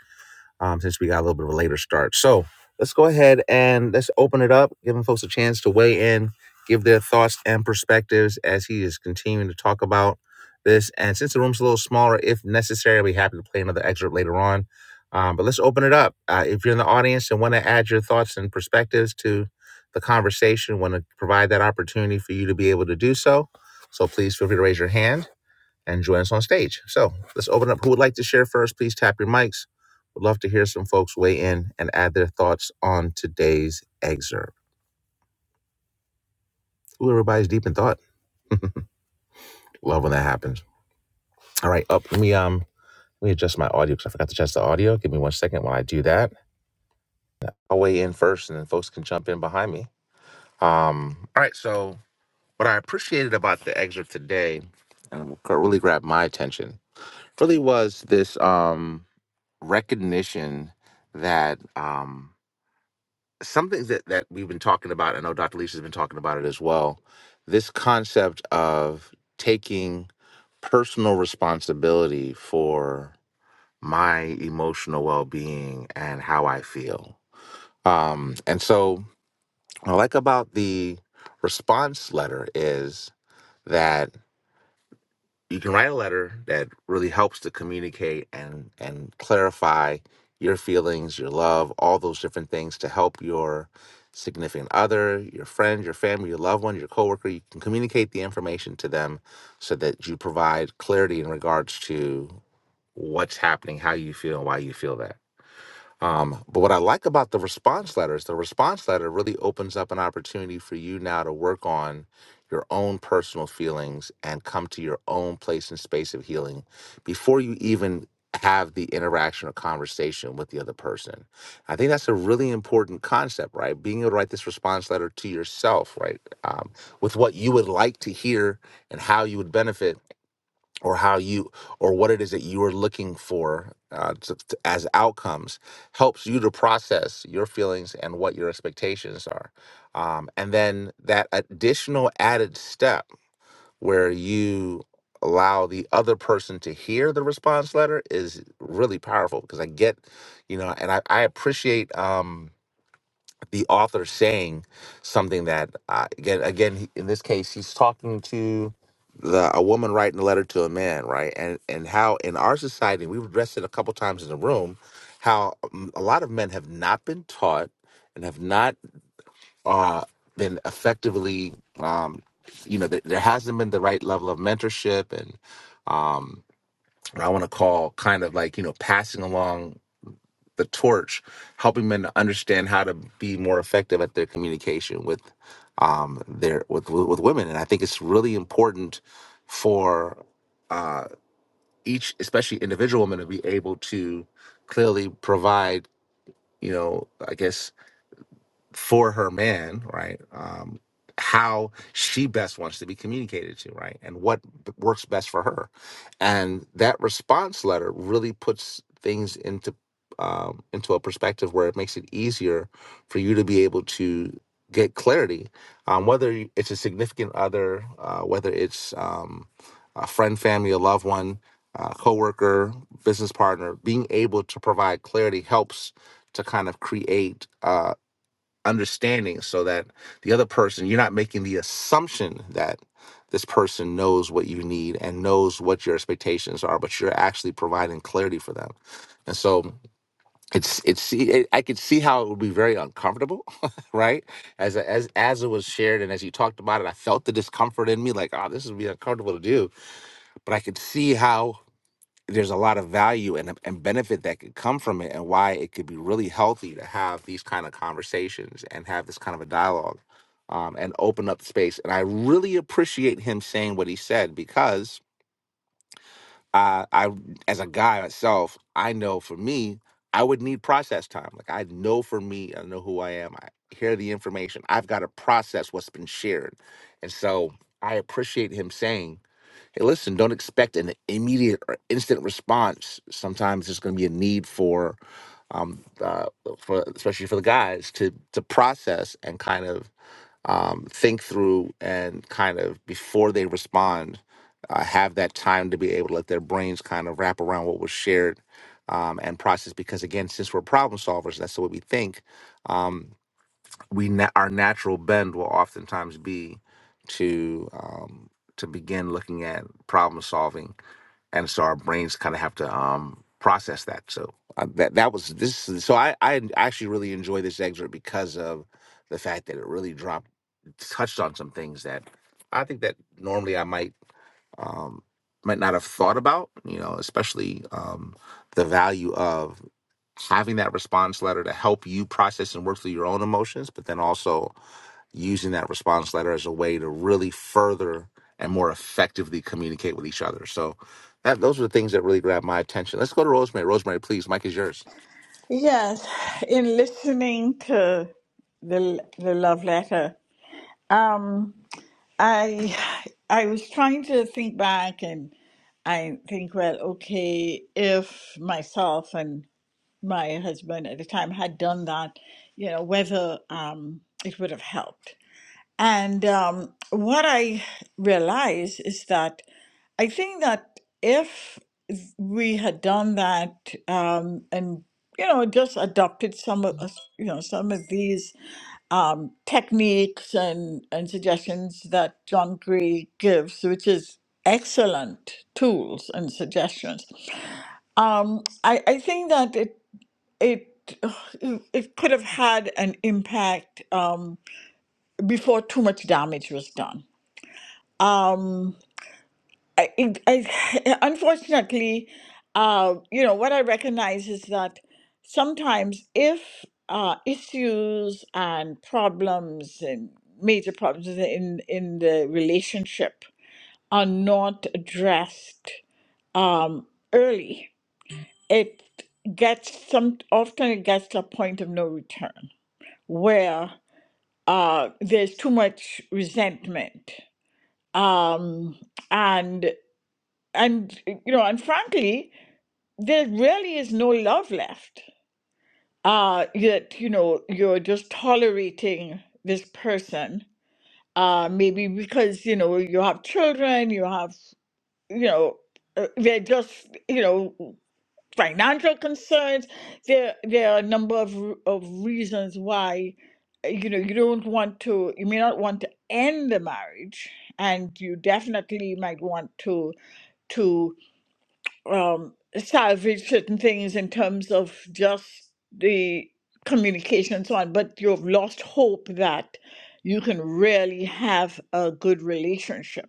[SPEAKER 1] um, since we got a little bit of a later start. So let's go ahead and let's open it up, giving folks a chance to weigh in, give their thoughts and perspectives as he is continuing to talk about this. And since the room's a little smaller, if necessary, I'll be happy to play another excerpt later on. Um, but let's open it up. Uh, if you're in the audience and want to add your thoughts and perspectives to the conversation, want to provide that opportunity for you to be able to do so. So please feel free to raise your hand and join us on stage. So let's open up. Who would like to share first? Please tap your mics. Would love to hear some folks weigh in and add their thoughts on today's excerpt. Ooh, everybody's deep in thought. love when that happens. All right, up. Let me um let me adjust my audio because I forgot to adjust the audio. Give me one second while I do that. I'll weigh in first, and then folks can jump in behind me. Um. All right. So what I appreciated about the excerpt today, and what really grabbed my attention, really was this um recognition that um something that, that we've been talking about, I know Dr. Lisa's been talking about it as well. This concept of taking personal responsibility for my emotional well being and how I feel. Um, and so, what I like about the response letter is that you can write a letter that really helps to communicate and and clarify your feelings, your love, all those different things to help your significant other, your friend, your family, your loved one, your coworker. You can communicate the information to them so that you provide clarity in regards to what's happening, how you feel, and why you feel that. Um, but what I like about the response letter is the response letter really opens up an opportunity for you now to work on your own personal feelings and come to your own place and space of healing before you even have the interaction or conversation with the other person. I think that's a really important concept, right? Being able to write this response letter to yourself, right? Um, with what you would like to hear and how you would benefit or how you or what it is that you are looking for uh, to, to- as outcomes helps you to process your feelings and what your expectations are um, and then that additional added step where you allow the other person to hear the response letter is really powerful because i get you know and i, I appreciate um, the author saying something that uh, again again he- in this case he's talking to the a woman writing a letter to a man right and and how in our society we've addressed it a couple times in the room how um, a lot of men have not been taught and have not uh been effectively um you know there there hasn't been the right level of mentorship and um what I want to call kind of like you know passing along the torch, helping men to understand how to be more effective at their communication with um their with with women. And I think it's really important for uh each, especially individual women, to be able to clearly provide, you know, I guess for her man, right? Um, how she best wants to be communicated to, right? And what b- works best for her. And that response letter really puts things into um, into a perspective where it makes it easier for you to be able to get clarity, um, whether you- it's a significant other, uh, whether it's um, a friend, family, a loved one, a coworker, business partner. Being able to provide clarity helps to kind of create. uh, understanding so that the other person you're not making the assumption that this person knows what you need and knows what your expectations are but you're actually providing clarity for them and so it's it's see it, i could see how it would be very uncomfortable right as as as it was shared and as you talked about it i felt the discomfort in me like oh this would be uncomfortable to do but i could see how there's a lot of value and, and benefit that could come from it and why it could be really healthy to have these kind of conversations and have this kind of a dialogue um, and open up the space and i really appreciate him saying what he said because uh, i as a guy myself i know for me i would need process time like i know for me i know who i am i hear the information i've got to process what's been shared and so i appreciate him saying Hey, listen, don't expect an immediate or instant response. Sometimes there's going to be a need for, um, uh, for especially for the guys to to process and kind of um, think through and kind of before they respond, uh, have that time to be able to let their brains kind of wrap around what was shared um, and process. Because again, since we're problem solvers, that's the way we think. Um, we na- our natural bend will oftentimes be to um, to begin looking at problem solving, and so our brains kind of have to um, process that. So uh, that that was this. So I I actually really enjoy this excerpt because of the fact that it really dropped touched on some things that I think that normally I might um, might not have thought about, you know, especially um, the value of having that response letter to help you process and work through your own emotions, but then also using that response letter as a way to really further and more effectively communicate with each other. So that those are the things that really grabbed my attention. Let's go to Rosemary. Rosemary, please, Mike is yours.
[SPEAKER 3] Yes, in listening to the the love letter, um, I I was trying to think back and I think, well, okay, if myself and my husband at the time had done that, you know, whether um, it would have helped. And um, what I realized is that I think that if we had done that um, and, you know, just adopted some of us, you know, some of these um, techniques and, and suggestions that John Gray gives, which is excellent tools and suggestions. Um, I, I think that it it it could have had an impact um, before too much damage was done. Um, I, it, I, unfortunately, uh, you know what I recognize is that sometimes if uh, issues and problems and major problems in in the relationship are not addressed um, early, it gets some often it gets to a point of no return where uh, there's too much resentment, um, and and you know, and frankly, there really is no love left. Uh, yet you know, you're just tolerating this person, uh, maybe because you know you have children, you have you know, uh, they're just you know. financial concerns. There, there are a number of r- of reasons why uh, you know you don't want to. You may not want to end the marriage, and you definitely might want to to um, salvage certain things in terms of just the communication and so on. But you've lost hope that you can really have a good relationship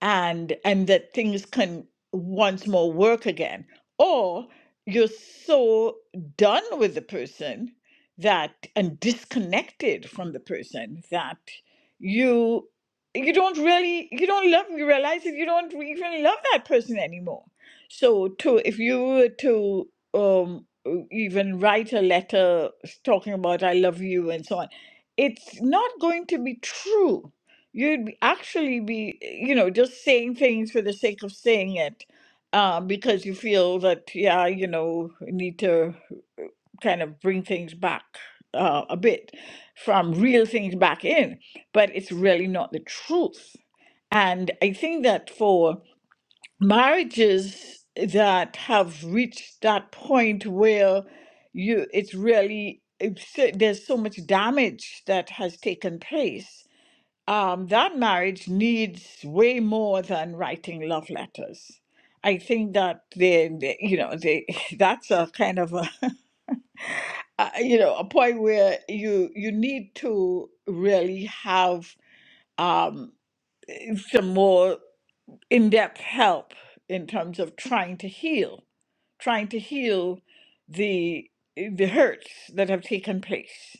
[SPEAKER 3] and and that things can once more work again or you're so done with the person that and disconnected from the person that you you don't really you don't love you realize that you don't even love that person anymore so to if you were to um even write a letter talking about i love you and so on it's not going to be true You'd be- actually be, you know, just saying things for the sake of saying it, uh, because you feel that, yeah, you know, we need to kind of bring things back uh, a bit from real things back in, but it's really not the truth. And I think that for marriages that have reached that point where you, it's really, it's, there's so much damage that has taken place um, that marriage needs way more than writing love letters. I think that they, they you know, they that's a kind of a, a you know a point where you you need to really have um, some more in-depth help in terms of trying to heal, trying to heal the the hurts that have taken place.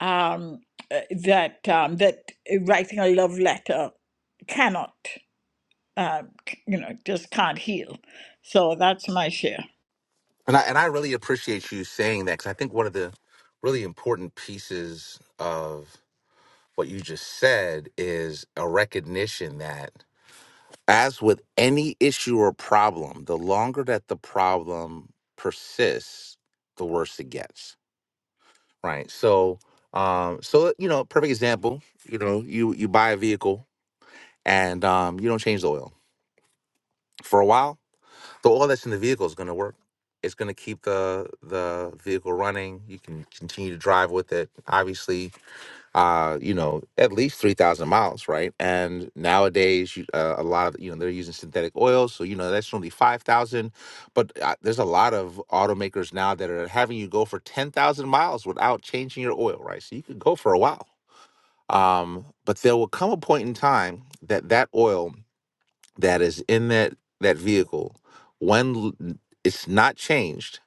[SPEAKER 3] Um, uh, that um, that uh, writing a love letter cannot, um, c- you know, just can't heal. So that's my share.
[SPEAKER 1] And I and I really appreciate you saying that because I think one of the really important pieces of what you just said is a recognition that, as with any issue or problem, the longer that the problem persists, the worse it gets. Right. So, um, so you know, perfect example. You know, you you buy a vehicle and um, you don't change the oil for a while. The oil that's in the vehicle is going to work. It's going to keep the the vehicle running. You can continue to drive with it. Obviously, uh, you know, at least 3,000 miles, right? And nowadays, you- uh, a lot of, you know, they're using synthetic oils. So, you know, that's only 5,000. But uh, there's a lot of automakers now that are having you go for 10,000 miles without changing your oil, right? So you could go for a while. Um, but there will come a point in time that that oil that is in that, that vehicle, when l- it's not changed,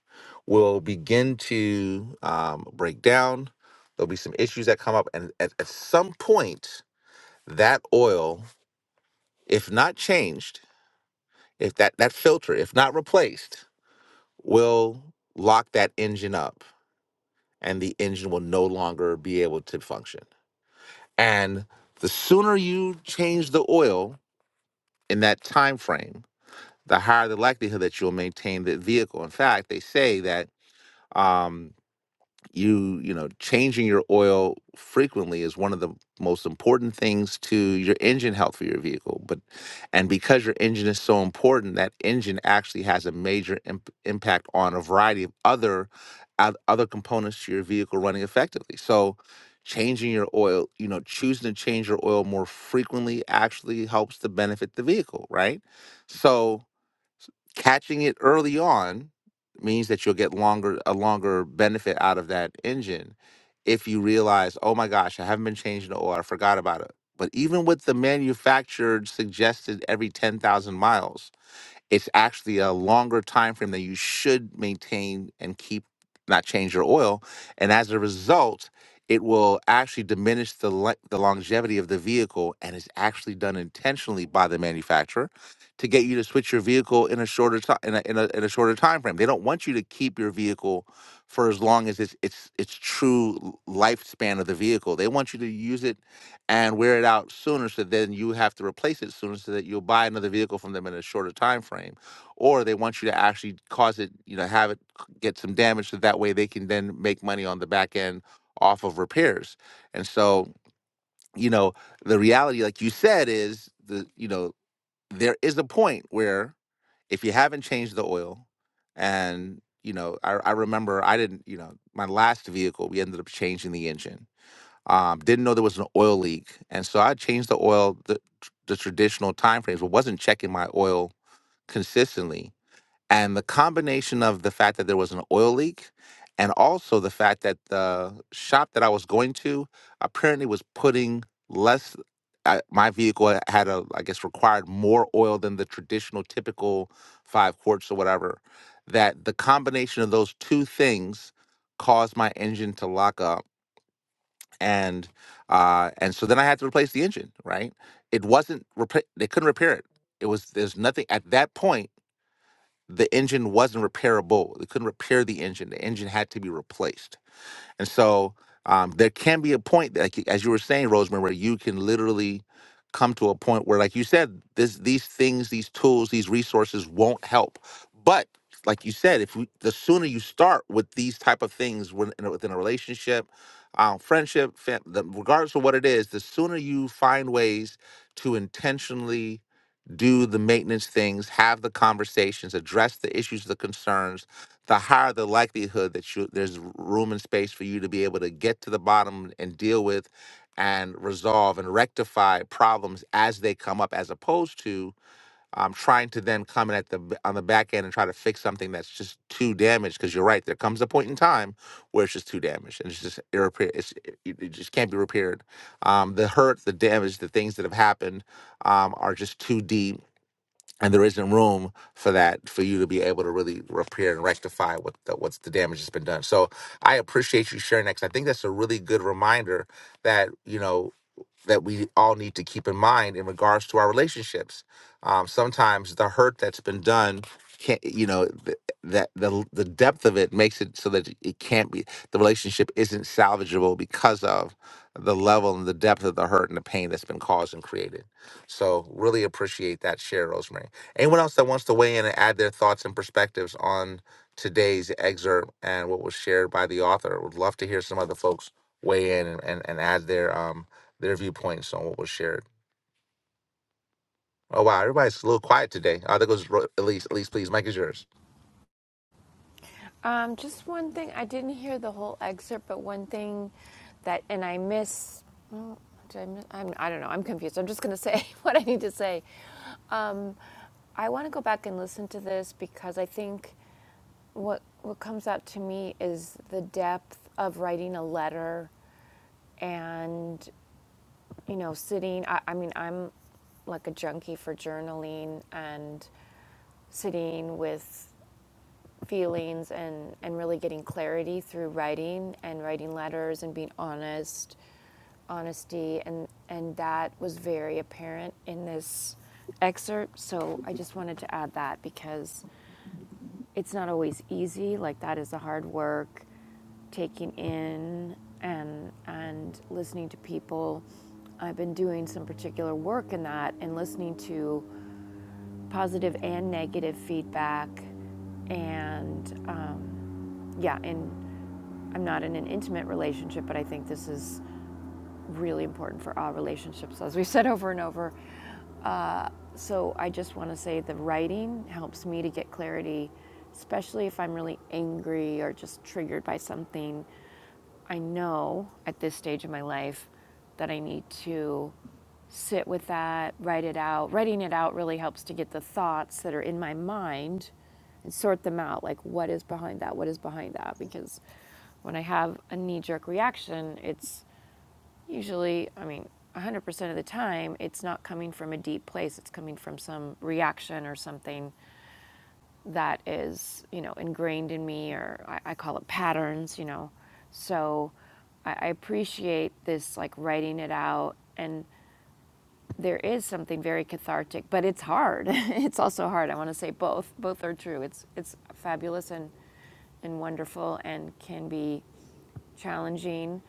[SPEAKER 1] will begin to um, break down. There'll be some issues that come up. And at, at some point, that oil, if not changed, if that, that filter, if not replaced, will lock that engine up and the engine will no longer be able to function. And the sooner you change the oil in that time frame, the higher the likelihood that you'll maintain the vehicle. In fact, they say that um, you you know changing your oil frequently is one of the most important things to your engine health for your vehicle but and because your engine is so important that engine actually has a major imp- impact on a variety of other oth- other components to your vehicle running effectively so changing your oil you know choosing to change your oil more frequently actually helps to benefit the vehicle right so catching it early on means that you'll get longer a longer benefit out of that engine if you realize oh my gosh i haven't been changing the oil i forgot about it but even with the manufactured suggested every 10,000 miles it's actually a longer time frame that you should maintain and keep not change your oil and as a result it will actually diminish the le- the longevity of the vehicle and it's actually done intentionally by the manufacturer to get you to switch your vehicle in a shorter time in a, in a, in a shorter time frame they don't want you to keep your vehicle for as long as it's it's it's true l- lifespan of the vehicle they want you to use it and wear it out sooner so then you have to replace it sooner so that you'll buy another vehicle from them in a shorter time frame or they want you to actually cause it you know have it c- get some damage so that way they can then make money on the back end off of repairs and so you know the reality like you said is the you know there is a point where if you haven't changed the oil and you know i, I remember i didn't you know my last vehicle we ended up changing the engine um, didn't know there was an oil leak, and so I changed the oil the, the traditional time frames, but wasn't checking my oil consistently. And the combination of the fact that there was an oil leak, and also the fact that the shop that I was going to apparently was putting less. I, my vehicle had a, I guess, required more oil than the traditional typical five quarts or whatever. That the combination of those two things caused my engine to lock up and uh, and so then I had to replace the engine. Right? It wasn't repa- they couldn't repair it. It was there's nothing at that point. The engine wasn't repairable. They couldn't repair the engine. The engine had to be replaced and so um, there can be a point, that, like as you were saying, Rosemary, where you can literally come to a point where, like you said, this these things, these tools, these resources won't help. But like you said, if we, the sooner you start with these type of things when, in a- within a relationship, um, friendship, fam- the, regardless of what it is, the sooner you find ways to intentionally do the maintenance things, have the conversations, address the issues, the concerns, the higher the likelihood that you there's room and space for you to be able to get to the bottom and deal with and resolve and rectify problems as they come up as opposed to um, trying to then come in at the b- on the back end and try to fix something that's just too damaged because you're right there comes a point in time where it's just too damaged and it's just irrepair it's, it, it it just can't be repaired um, the hurt the damage the things that have happened um, are just too deep and there isn't room for that for you to be able to really repair and rectify what the, what's the damage that's been done. So I appreciate you sharing that because I think that's a really good reminder that you know that we all need to keep in mind in regards to our relationships. Um, sometimes the hurt that's been done can't, you know, th- that the the depth of it makes it so that it can't be the relationship isn't salvageable because of the level and the depth of the hurt and the pain that's been caused and created. So really appreciate that share, Rosemary. Anyone else that wants to weigh in and add their thoughts and perspectives on today's excerpt and what was shared by the author? Would love to hear some other folks weigh in and, and, and add their um, their viewpoints on what was shared. Oh wow, everybody's a little quiet today. Oh, there goes Ro- Elise. Elise, please, Mike is yours.
[SPEAKER 2] Um, just one thing. I didn't hear the whole excerpt, but one thing that, and I miss. Well, did I miss? I'm, I don't know. I'm confused. I'm just going to say what I need to say. Um, I want to go back and listen to this because I think what what comes out to me is the depth of writing a letter, and you know, sitting. I, I mean, I'm like a junkie for journaling and sitting with feelings and, and really getting clarity through writing and writing letters and being honest, honesty. And, and that was very apparent in this excerpt. So I just wanted to add that because it's not always easy. Like, that is the hard work, taking in and, and listening to people. I've been doing some particular work in that and listening to positive and negative feedback and um, yeah, and I'm not in an intimate relationship, but I think this is really important for all relationships, as we've said over and over. Uh, so I just want to say the writing helps me to get clarity, especially if I'm really angry or just triggered by something. I know at this stage of my life that I need to sit with that, write it out. Writing it out really helps to get the thoughts that are in my mind and sort them out. Like, what is behind that? What is behind that? Because when I have a knee jerk reaction, it's Usually, I mean, 100% of the time, it's not coming from a deep place. It's coming from some reaction or something that is, you know, ingrained in me, or I, I call it patterns, you know. So I, I appreciate this, like writing it out. And there is something very cathartic, but it's hard. it's also hard. I want to say both. Both are true. It's, it's fabulous and, and wonderful and can be challenging.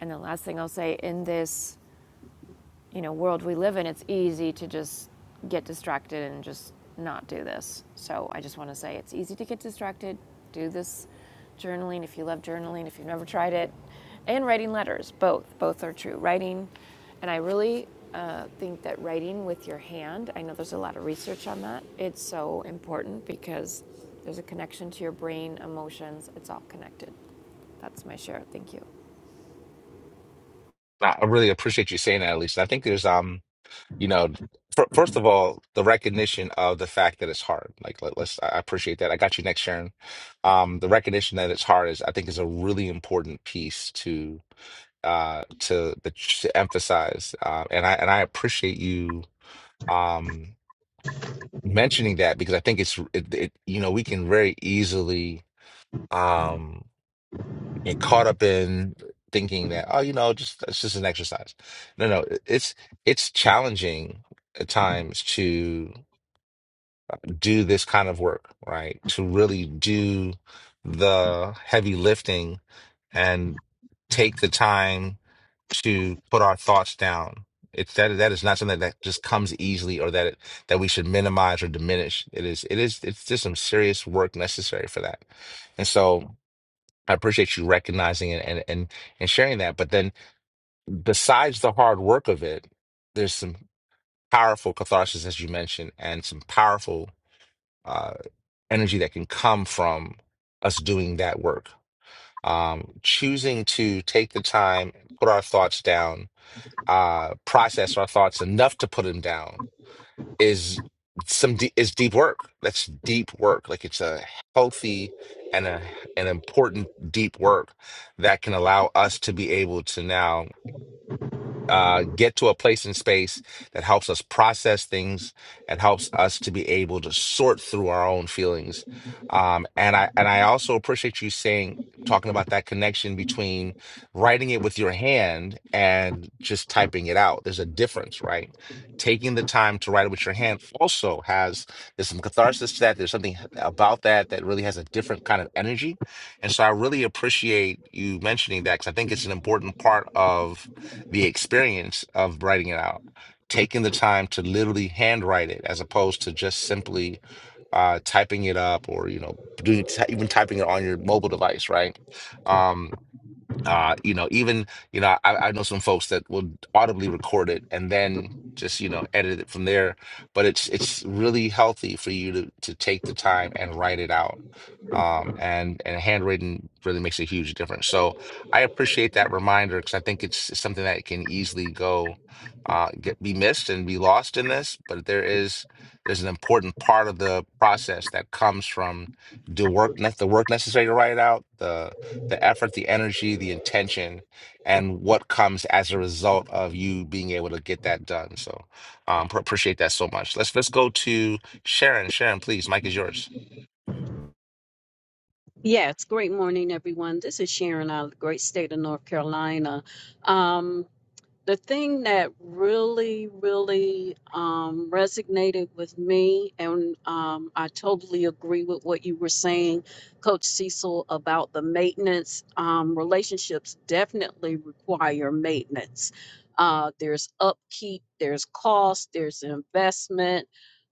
[SPEAKER 2] And the last thing I'll say in this you know world we live in, it's easy to just get distracted and just not do this. So I just want to say it's easy to get distracted. Do this journaling if you love journaling, if you've never tried it, and writing letters. Both both are true. Writing, and I really uh, think that writing with your hand. I know there's a lot of research on that. It's so important because there's a connection to your brain, emotions. It's all connected. That's my share. Thank you.
[SPEAKER 1] I I really appreciate you saying that, at least. I think there's, um, you know, fir- first of all, the recognition of the fact that it's hard. Like, let, let's, I I appreciate that. I got you next, Sharon. Um, the recognition that it's hard is, I think, is a really important piece to, uh, to the to emphasize. Uh, and I and I appreciate you, um, mentioning that because I think it's, it, it you know, we can very easily. um. And caught up in thinking that oh you know just it's just an exercise no no it- it's it's challenging at times to do this kind of work right to really do the heavy lifting and take the time to put our thoughts down it's that that is not something that just comes easily or that it, that we should minimize or diminish it is it is it's just some serious work necessary for that and so I appreciate you recognizing it and and and sharing that. But then, besides the hard work of it, there's some powerful catharsis, as you mentioned, and some powerful uh, energy that can come from us doing that work. Um, choosing to take the time, put our thoughts down, uh, process our thoughts enough to put them down, is some de is deep work. That's deep work. Like it's a healthy and a an important deep work that can allow us to be able to now uh, get to a place in space that helps us process things that helps us to be able to sort through our own feelings. Um, and I and I also appreciate you saying talking about that connection between writing it with your hand and just typing it out. There's a difference, right? Taking the time to write it with your hand also has there's some catharsis to that. There's something about that that really has a different kind of energy. And so I really appreciate you mentioning that because I think it's an important part of the experience of writing it out, taking the time to literally handwrite it as opposed to just simply uh, typing it up or you know doing ty- even typing it on your mobile device, right? Um, uh you know even you know I, I know some folks that will audibly record it and then just you know edit it from there but it's it's really healthy for you to to take the time and write it out um and and handwritten really makes a huge difference so I appreciate that reminder because I think it's something that can easily go uh get be missed and be lost in this but there is there's an important part of the process that comes from the work ne- the work necessary to write it out the the effort, the energy, the intention, and what comes as a result of you being able to get that done. So um, pr- appreciate that so much. Let's let's go to Sharon. Sharon, please, Mike is yours.
[SPEAKER 6] Yes, great morning, everyone. This is Sharon out of the great state of North Carolina. Um, the thing that really, really um, resonated with me, and um, I totally agree with what you were saying, Coach Cecil, about the maintenance. Um, relationships definitely require maintenance. Uh, there's upkeep, there's cost, there's investment,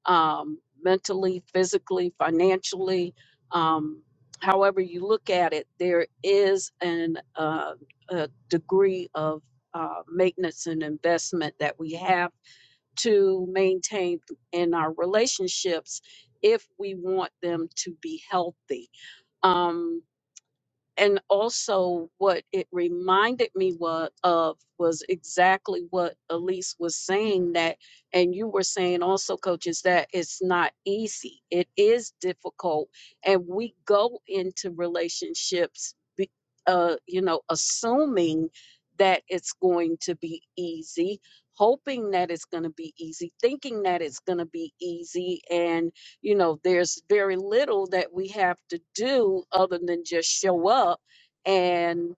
[SPEAKER 6] um, mentally, physically, financially. Um, however you look at it, there is an uh, a degree of uh, maintenance and investment that we have to maintain in our relationships if we want them to be healthy. Um, and also what it reminded me wa- of was exactly what Elise was saying that and you were saying also coaches that it's not easy it is difficult and we go into relationships be, uh you know assuming that it's going to be easy hoping that it's going to be easy thinking that it's going to be easy and you know there's very little that we have to do other than just show up and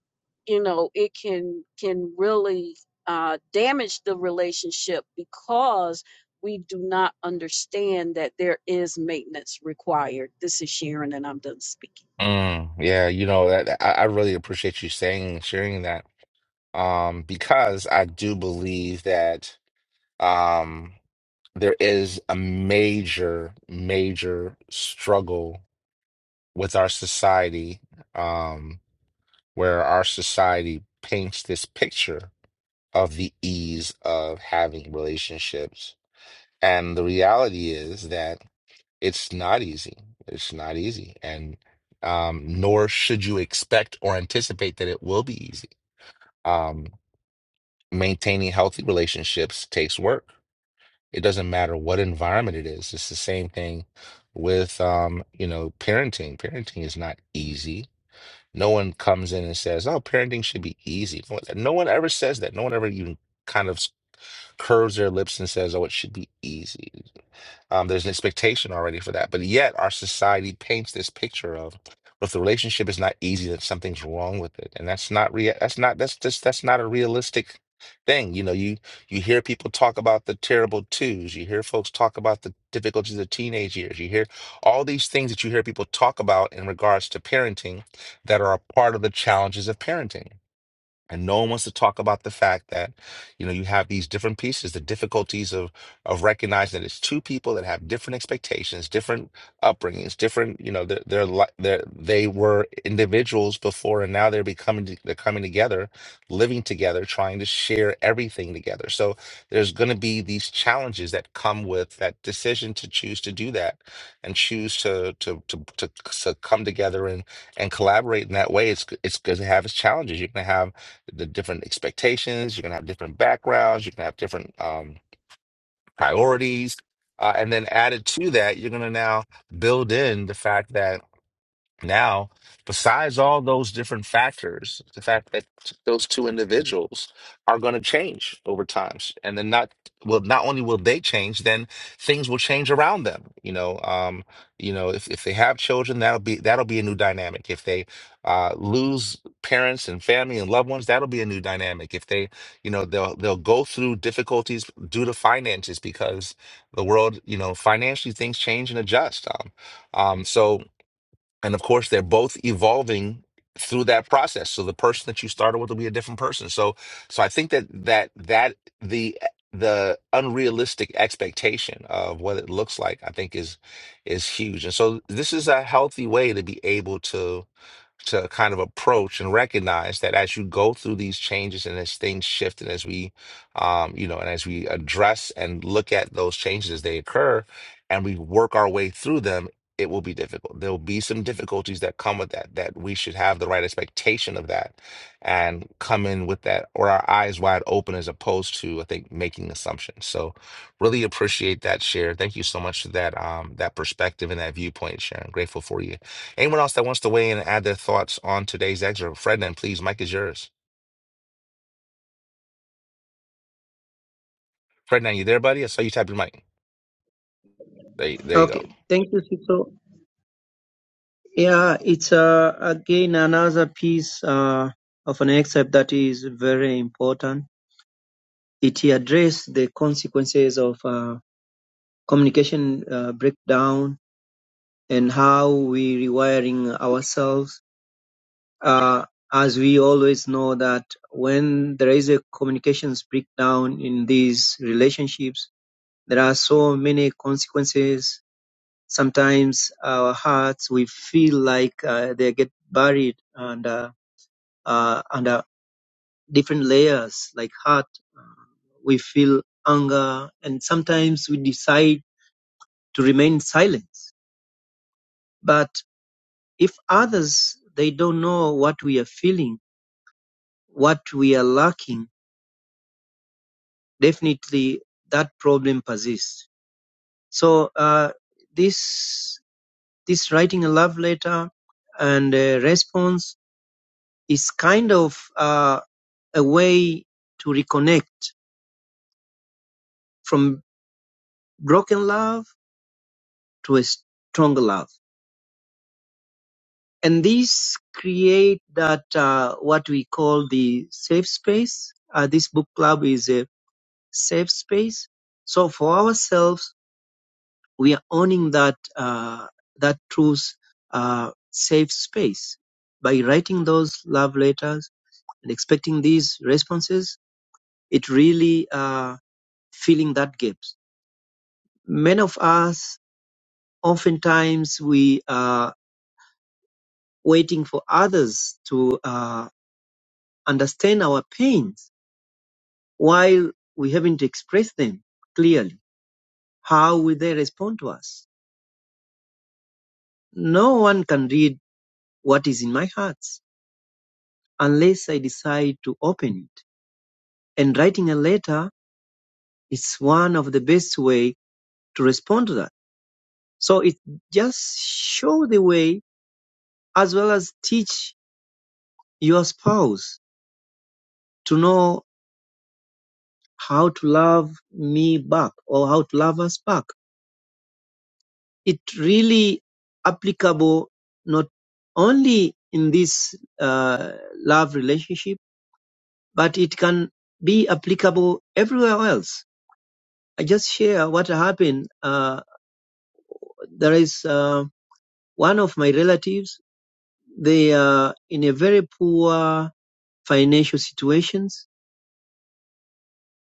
[SPEAKER 6] you know it can can really uh, damage the relationship because we do not understand that there is maintenance required this is sharon and i'm done speaking
[SPEAKER 1] Mm, yeah, you know that that- I, I really appreciate you saying sharing that um, because I do believe that um, there is a major, major struggle with our society, um, where our society paints this picture of the ease of having relationships. And the reality is that it's not easy. It's not easy. And um, nor should you expect or anticipate that it will be easy. Um, maintaining healthy relationships takes work. It doesn't matter what environment it is. It's the same thing with, um, you know, parenting. Parenting is not easy No one comes in and says, "Oh, parenting should be easy." No one no one ever says that. No one ever even kind of curves their lips and says, "Oh, it should be easy." Um, there's an expectation already for that, but yet our society paints this picture of "Well, if the relationship is not easy, then something's wrong with it, and that's not real. That's not that's just that's not a realistic thing. You know, you you hear people talk about the terrible twos. You hear folks talk about the difficulties of teenage years. You hear all these things that you hear people talk about in regards to parenting that are a part of the challenges of parenting. And no one wants to talk about the fact that, you know, you have these different pieces, the difficulties of of recognizing that it's two people that have different expectations, different upbringings, different, you know, they're, they're, li- they're they were individuals before and now they're becoming they're coming together, living together, trying to share everything together. So there's going to be these challenges that come with that decision to choose to do that and choose to to to to, to come together and and collaborate in that way. It's it's going to have its challenges. You're going to have the different expectations. You're gonna have different backgrounds. You're gonna have different um, priorities, uh, and then added to that, you're gonna now build in the fact that now, besides all those different factors, the fact that those two individuals are going to change over time, and then not well, not only will they change, then things will change around them. You know, um, you know, if if they have children, that'll be that'll be a new dynamic. If they uh, lose parents and family and loved ones, that'll be a new dynamic. If they, you know, they'll they'll go through difficulties due to finances because the world, you know, financially things change and adjust. Um, um, so and of course, they're both evolving through that process. So the person that you started with will be a different person. So so I think that that that the the unrealistic expectation of what it looks like, I think is is huge. And so this is a healthy way to be able to to kind of approach and recognize that as you go through these changes and as things shift and as we um, you know and as we address and look at those changes as they occur and we work our way through them it will be difficult there will be some difficulties that come with that that we should have the right expectation of that and come in with that or our eyes wide open as opposed to i think making assumptions so really appreciate that share thank you so much for that um that perspective and that viewpoint sharon grateful for you Anyone else that wants to weigh in and add their thoughts on today's excerpt? Frednan, please, mic is yours. Frednan, you there, buddy? I saw you tap your mic. There, you- there you go.
[SPEAKER 4] Okay, thank you, Sito. Yeah, it's uh, again another piece uh, of an excerpt that is very important. It addresses the consequences of uh, communication uh, breakdown and how we rewiring ourselves uh, as we always know that when there is a communications breakdown in these relationships there are so many consequences sometimes our hearts we feel like uh, they get buried under uh, uh, under different layers like heart we feel anger and sometimes we decide to remain silent But if others they don't know what we are feeling what we are lacking definitely that problem persists so uh, this this writing a love letter and a response is kind of uh, a way to reconnect from broken love to a stronger love and this create that uh, what we call the safe space uh, this book club is a safe space. So for ourselves, we are owning that uh, that truth, uh, safe space by writing those love letters and expecting these responses. It really uh, filling that gaps. Many of us, oftentimes, we are waiting for others to uh, understand our pains while we haven't expressed them clearly. How will they respond to us? No one can read what is in my heart unless I decide to open it. And writing a letter is one of the best way to respond to that. So it just show the way as well as teach your spouse to know how to love me back or how to love us back. It really applicable not only in this uh, love relationship, but it can be applicable everywhere else I just share what happened. Uh, there is uh, one of my relatives. They are in a very poor financial situations.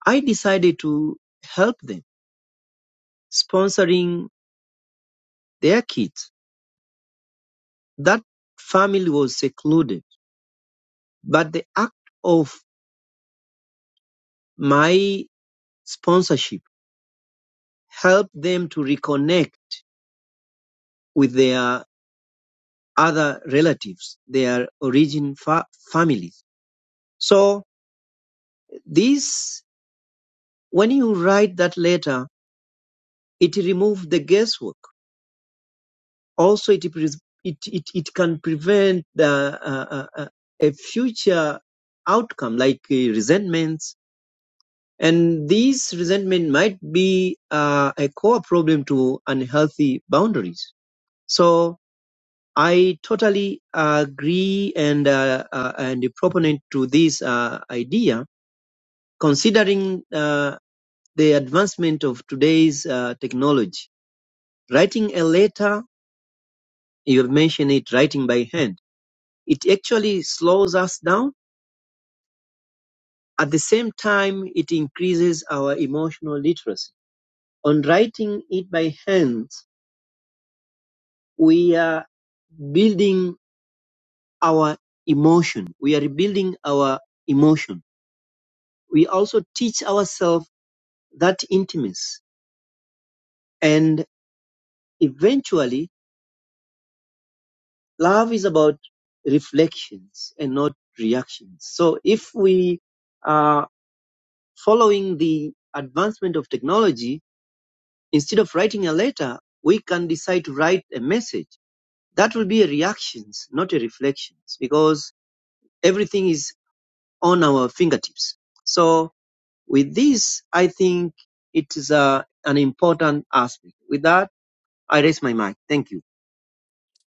[SPEAKER 4] I decided to help them, sponsoring their kids. That family was secluded, but the act of my sponsorship helped them to reconnect with their other relatives, their origin fa- families. So this, when you write that letter, It removes the guesswork. Also, it it, it, it can prevent the, uh, uh, uh, a future outcome like uh, resentments. And these resentment might be uh, a core problem to unhealthy boundaries. So I totally agree and uh, uh, and a proponent to this uh, idea, considering uh, the advancement of today's uh, technology. Writing a letter you mentioned it writing by hand it actually slows us down at the same time it increases our emotional literacy on writing it by hand we are building our emotion we are building our emotion we also teach ourselves that intimacy and eventually love is about reflections and not reactions so if we are following the advancement of technology Instead of writing a letter, we can decide to write a message. That will be a reactions, not a reflections, because everything is on our fingertips. So with this, I think it is a, an important aspect. With that, I raise my mic. Thank you.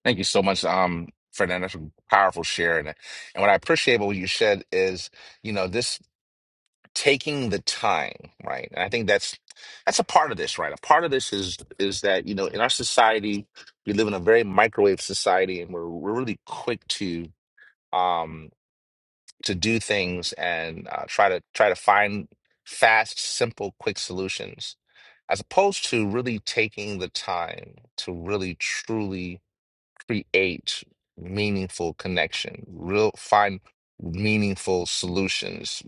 [SPEAKER 1] Thank you so much, um, Frednan. That's a powerful share. And, and what I appreciate about what you said is, you know, this taking the time, right? And I think that's that's a part of this, right? A part of this is is that, you know, in our society, we live in a very microwave society and we're we're really quick to um to do things and uh, try to try to find fast, simple, quick solutions, as opposed to really taking the time to really truly create meaningful connection, real find meaningful solutions,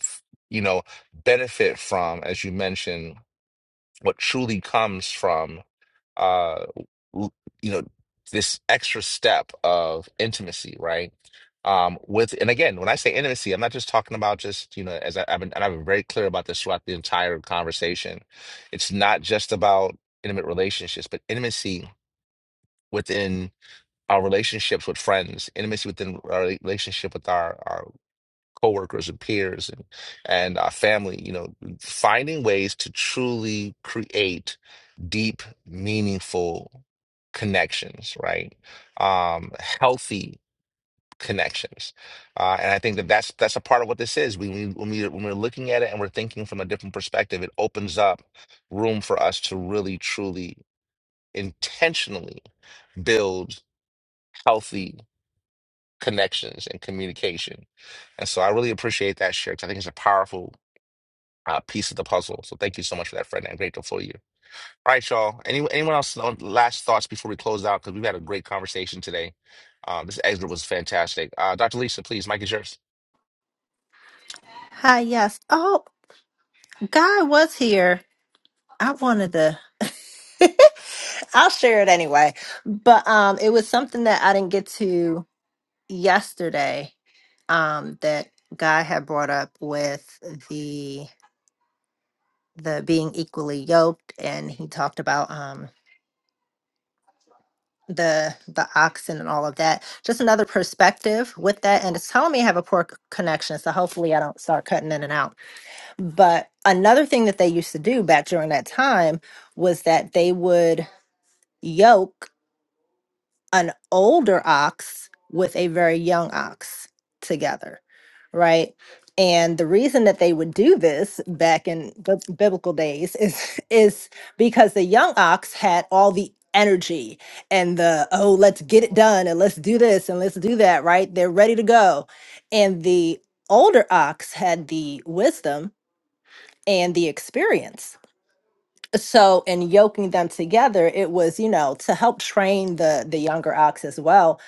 [SPEAKER 1] f- you know, benefit from, as you mentioned what truly comes from uh l- you know this extra step of intimacy right um with and again when i say intimacy i'm not just talking about just you know as I, i've been and i've been very clear about this throughout the entire conversation it's not just about intimate relationships but intimacy within our relationships with friends intimacy within our relationship with our our coworkers and peers and and our family you know finding ways to truly create deep, meaningful connections, right? Um, healthy connections, uh, and I think that that's that's a part of what this is. We, we when we when we're looking at it and we're thinking from a different perspective, it opens up room for us to really, truly, intentionally build healthy connections and communication. And so, I really appreciate that share. 'cause I think it's a powerful uh, piece of the puzzle. So, thank you so much for that, Fred. and I'm grateful for you. All right, y'all. Any, anyone else on last thoughts before we close out? Because we've had a great conversation today. Um, this exit was fantastic. Uh, Dr. Lisa, please, Mike is yours.
[SPEAKER 9] Hi, yes. Oh, Guy was here. I wanted to I'll share it anyway. But um it was something that I didn't get to yesterday um that Guy had brought up with the the being equally yoked and he talked about um the the oxen and all of that. Just another perspective with that and it's telling me I have a poor c- connection, so hopefully I don't start cutting in and out. But another thing that they used to do back during that time was that they would yoke an older ox with a very young ox together, right? And the reason that they would do this back in bib- biblical days is is because the young ox had all the energy and the oh let's get it done and let's do this and let's do that, right? They're ready to go. And the older ox had the wisdom and the experience so in yoking them together it was you know to help train the the younger ox as well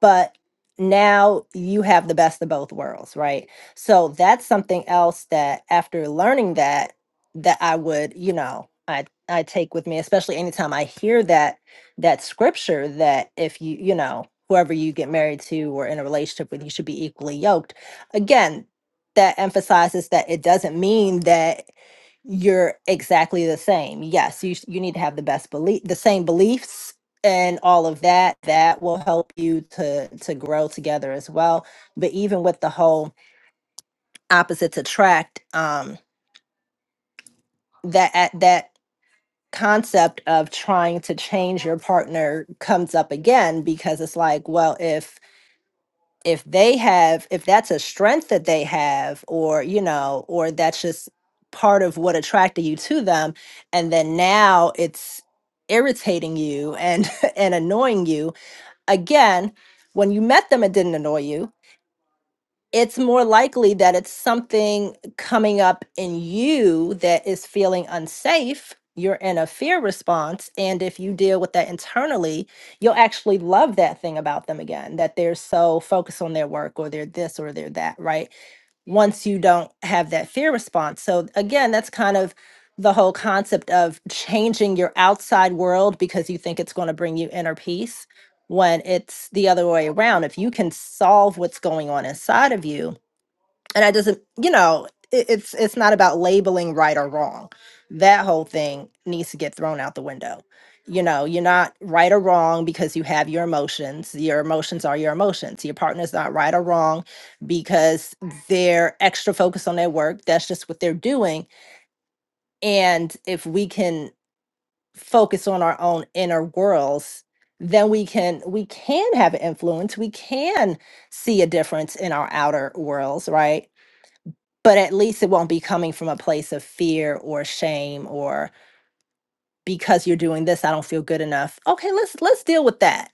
[SPEAKER 9] but now you have the best of both worlds right so that's something else that after learning that that i would you know i i take with me especially anytime i hear that that scripture that if you you know whoever you get married to or in a relationship with you should be equally yoked again that emphasizes that it doesn't mean that you're exactly the same. Yes, you sh- you need to have the best belief, the same beliefs and all of that. That will help you to to grow together as well. But even with the whole opposites attract, um, that at that concept of trying to change your partner comes up again because it's like, well, if if they have if that's a strength that they have or you know or that's just part of what attracted you to them and then now it's irritating you and and annoying you again when you met them it didn't annoy you it's more likely that it's something coming up in you that is feeling unsafe. You're in a fear response. And if you deal with that internally, you'll actually love that thing about them again that they're so focused on their work or they're this or they're that, right? once you don't have that fear response. So, again, that's kind of the whole concept of changing your outside world because you think it's going to bring you inner peace when it's the other way around. If you can solve what's going on inside of you, and I doesn't, you know, it, it's it's not about labeling right or wrong. That whole thing needs to get thrown out the window. You know, you're not right or wrong because you have your emotions. Your emotions are your emotions. Your partner's not right or wrong because they're extra focused on their work. That's just what they're doing. And if we can focus on our own inner worlds, then we can we can have an influence. We can see a difference in our outer worlds, right? but at least it won't be coming from a place of fear or shame or because you're doing this i don't feel good enough okay let's let's deal with that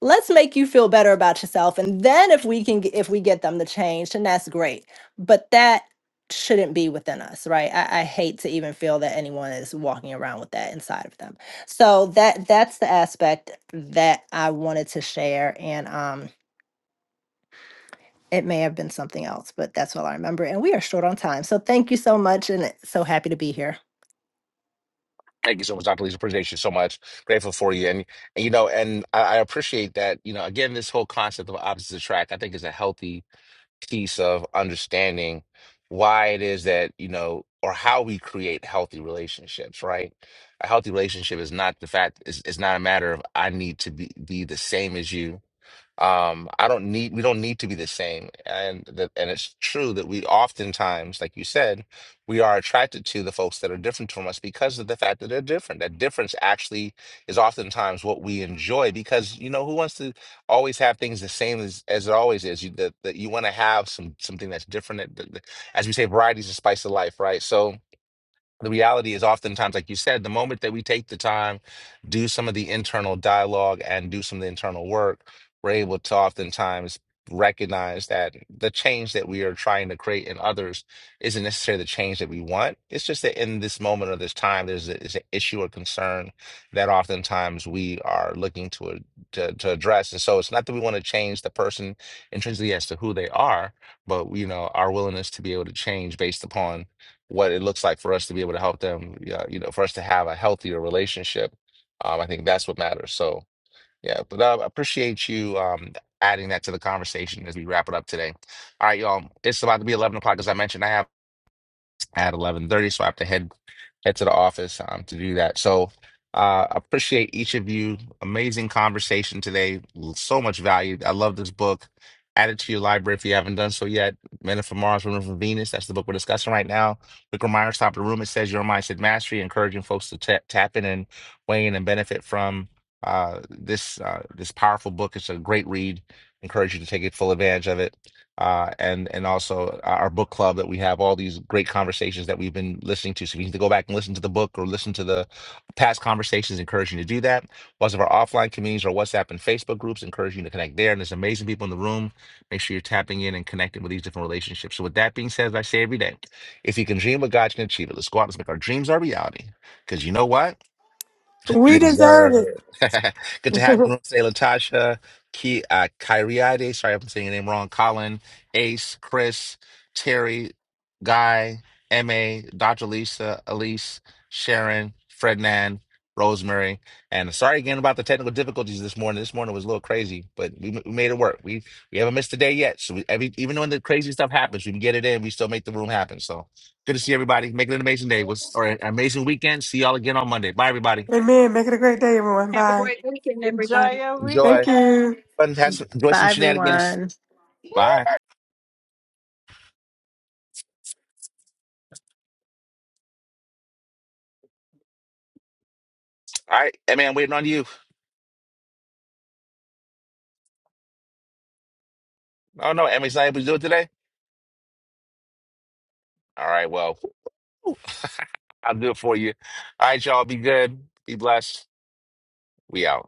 [SPEAKER 9] let's make you feel better about yourself and then if we can g- if we get them to change then that's great but that shouldn't be within us right I, I hate to even feel that anyone is walking around with that inside of them so that that's the aspect that i wanted to share and um It may have been something else, but that's all I remember. And we are short on time. So thank you so much and eh, so happy to be here.
[SPEAKER 1] Thank you so much, Dr. Lisa. Appreciate you so much. Grateful for you. And, and you know, and I, I appreciate that, you know, again, this whole concept of opposites attract, I think is a healthy piece of understanding why it is that, you know, or how we create healthy relationships, right? A healthy relationship is not the fact, it's, it's not a matter of I need to be, be the same as you Um, I don't need we don't need to be the same. And that and it's true that we oftentimes, like you said, we are attracted to the folks that are different from us because of the fact that they're different. That difference actually is oftentimes what we enjoy because you know who wants to always have things the same as, as it always is. You that, that you want to have some something that's different. that- that- that- As we say, variety is the spice of life, right? So the reality is oftentimes like you said the moment that we take the time do some of the internal dialogue and do some of the internal work we're able to oftentimes recognize that the change that we are trying to create in others isn't necessarily the change that we want it's just that in this moment or this time there's, a, there's an issue or concern that oftentimes we are looking to, uh, to to address and so it's not that we want to change the person intrinsically as to who they are but you know our willingness to be able to change based upon what it looks like for us to be able to help them, yeah, you know, for us to have a healthier relationship. Um, I think that's what matters. So, yeah, but uh, I appreciate you um, adding that to the conversation as we wrap it up today. All right, y'all, it's about to be 11 o'clock. As I mentioned, I have at 11.30, so I have to head head to the office um, to do that. So uh, appreciate each of you. Amazing conversation today. So much value. I love this book. Add it to your library if you haven't done so yet. Men Are from Mars, Women Are from Venus. That's the book we're discussing right now. Quick reminder, top of the room. It says Your Mindset Mastery, encouraging folks to ta- tap in and weigh in and benefit from uh, this uh, this powerful book. It's a great read. Encourage you to take it full advantage of it uh, and and also our book club that we have all these great conversations that we've been listening to. So if you need to go back and listen to the book or listen to the past conversations, encourage you to do that. Lots of our offline communities, our WhatsApp and Facebook groups, encourage you to connect there. And there's amazing people in the room. Make sure you're tapping in and connecting with these different relationships. So with that being said, as I say every day, if you can dream what God can achieve it, let's go out and make our dreams our reality. Because you know what? You deserve it. Good to have you on today, Latasha, Ki, uh, Kyriade. Sorry if I'm saying your name wrong. Colin, Ace, Chris, Terry, Guy, MA, Dr. Lisa, Elise, Sharon, Frednan, Rosemary. And sorry again about the technical difficulties this morning. This morning was a little crazy, but we, we made it work. We we haven't missed a day yet. So we, every, even when the crazy stuff happens, we can get it in. We still make the room happen. So good to see everybody. Make it an amazing day. Was or an amazing weekend. See y'all again on Monday. Bye, everybody.
[SPEAKER 8] Amen. Make it a great day, everyone.
[SPEAKER 6] Have a
[SPEAKER 8] Bye.
[SPEAKER 6] great weekend,
[SPEAKER 3] Enjoy
[SPEAKER 6] everybody.
[SPEAKER 3] your
[SPEAKER 1] Enjoy.
[SPEAKER 8] Thank
[SPEAKER 3] weekend.
[SPEAKER 8] you.
[SPEAKER 1] Fun, have some, enjoy some
[SPEAKER 9] Bye,
[SPEAKER 1] shenanigans.
[SPEAKER 9] everyone.
[SPEAKER 1] Bye. All right, Emmy, I'm waiting on you. Oh no, Emmy's not able to do it today. All right, well, I'll do it for you. All right, y'all, be good, be blessed. We out.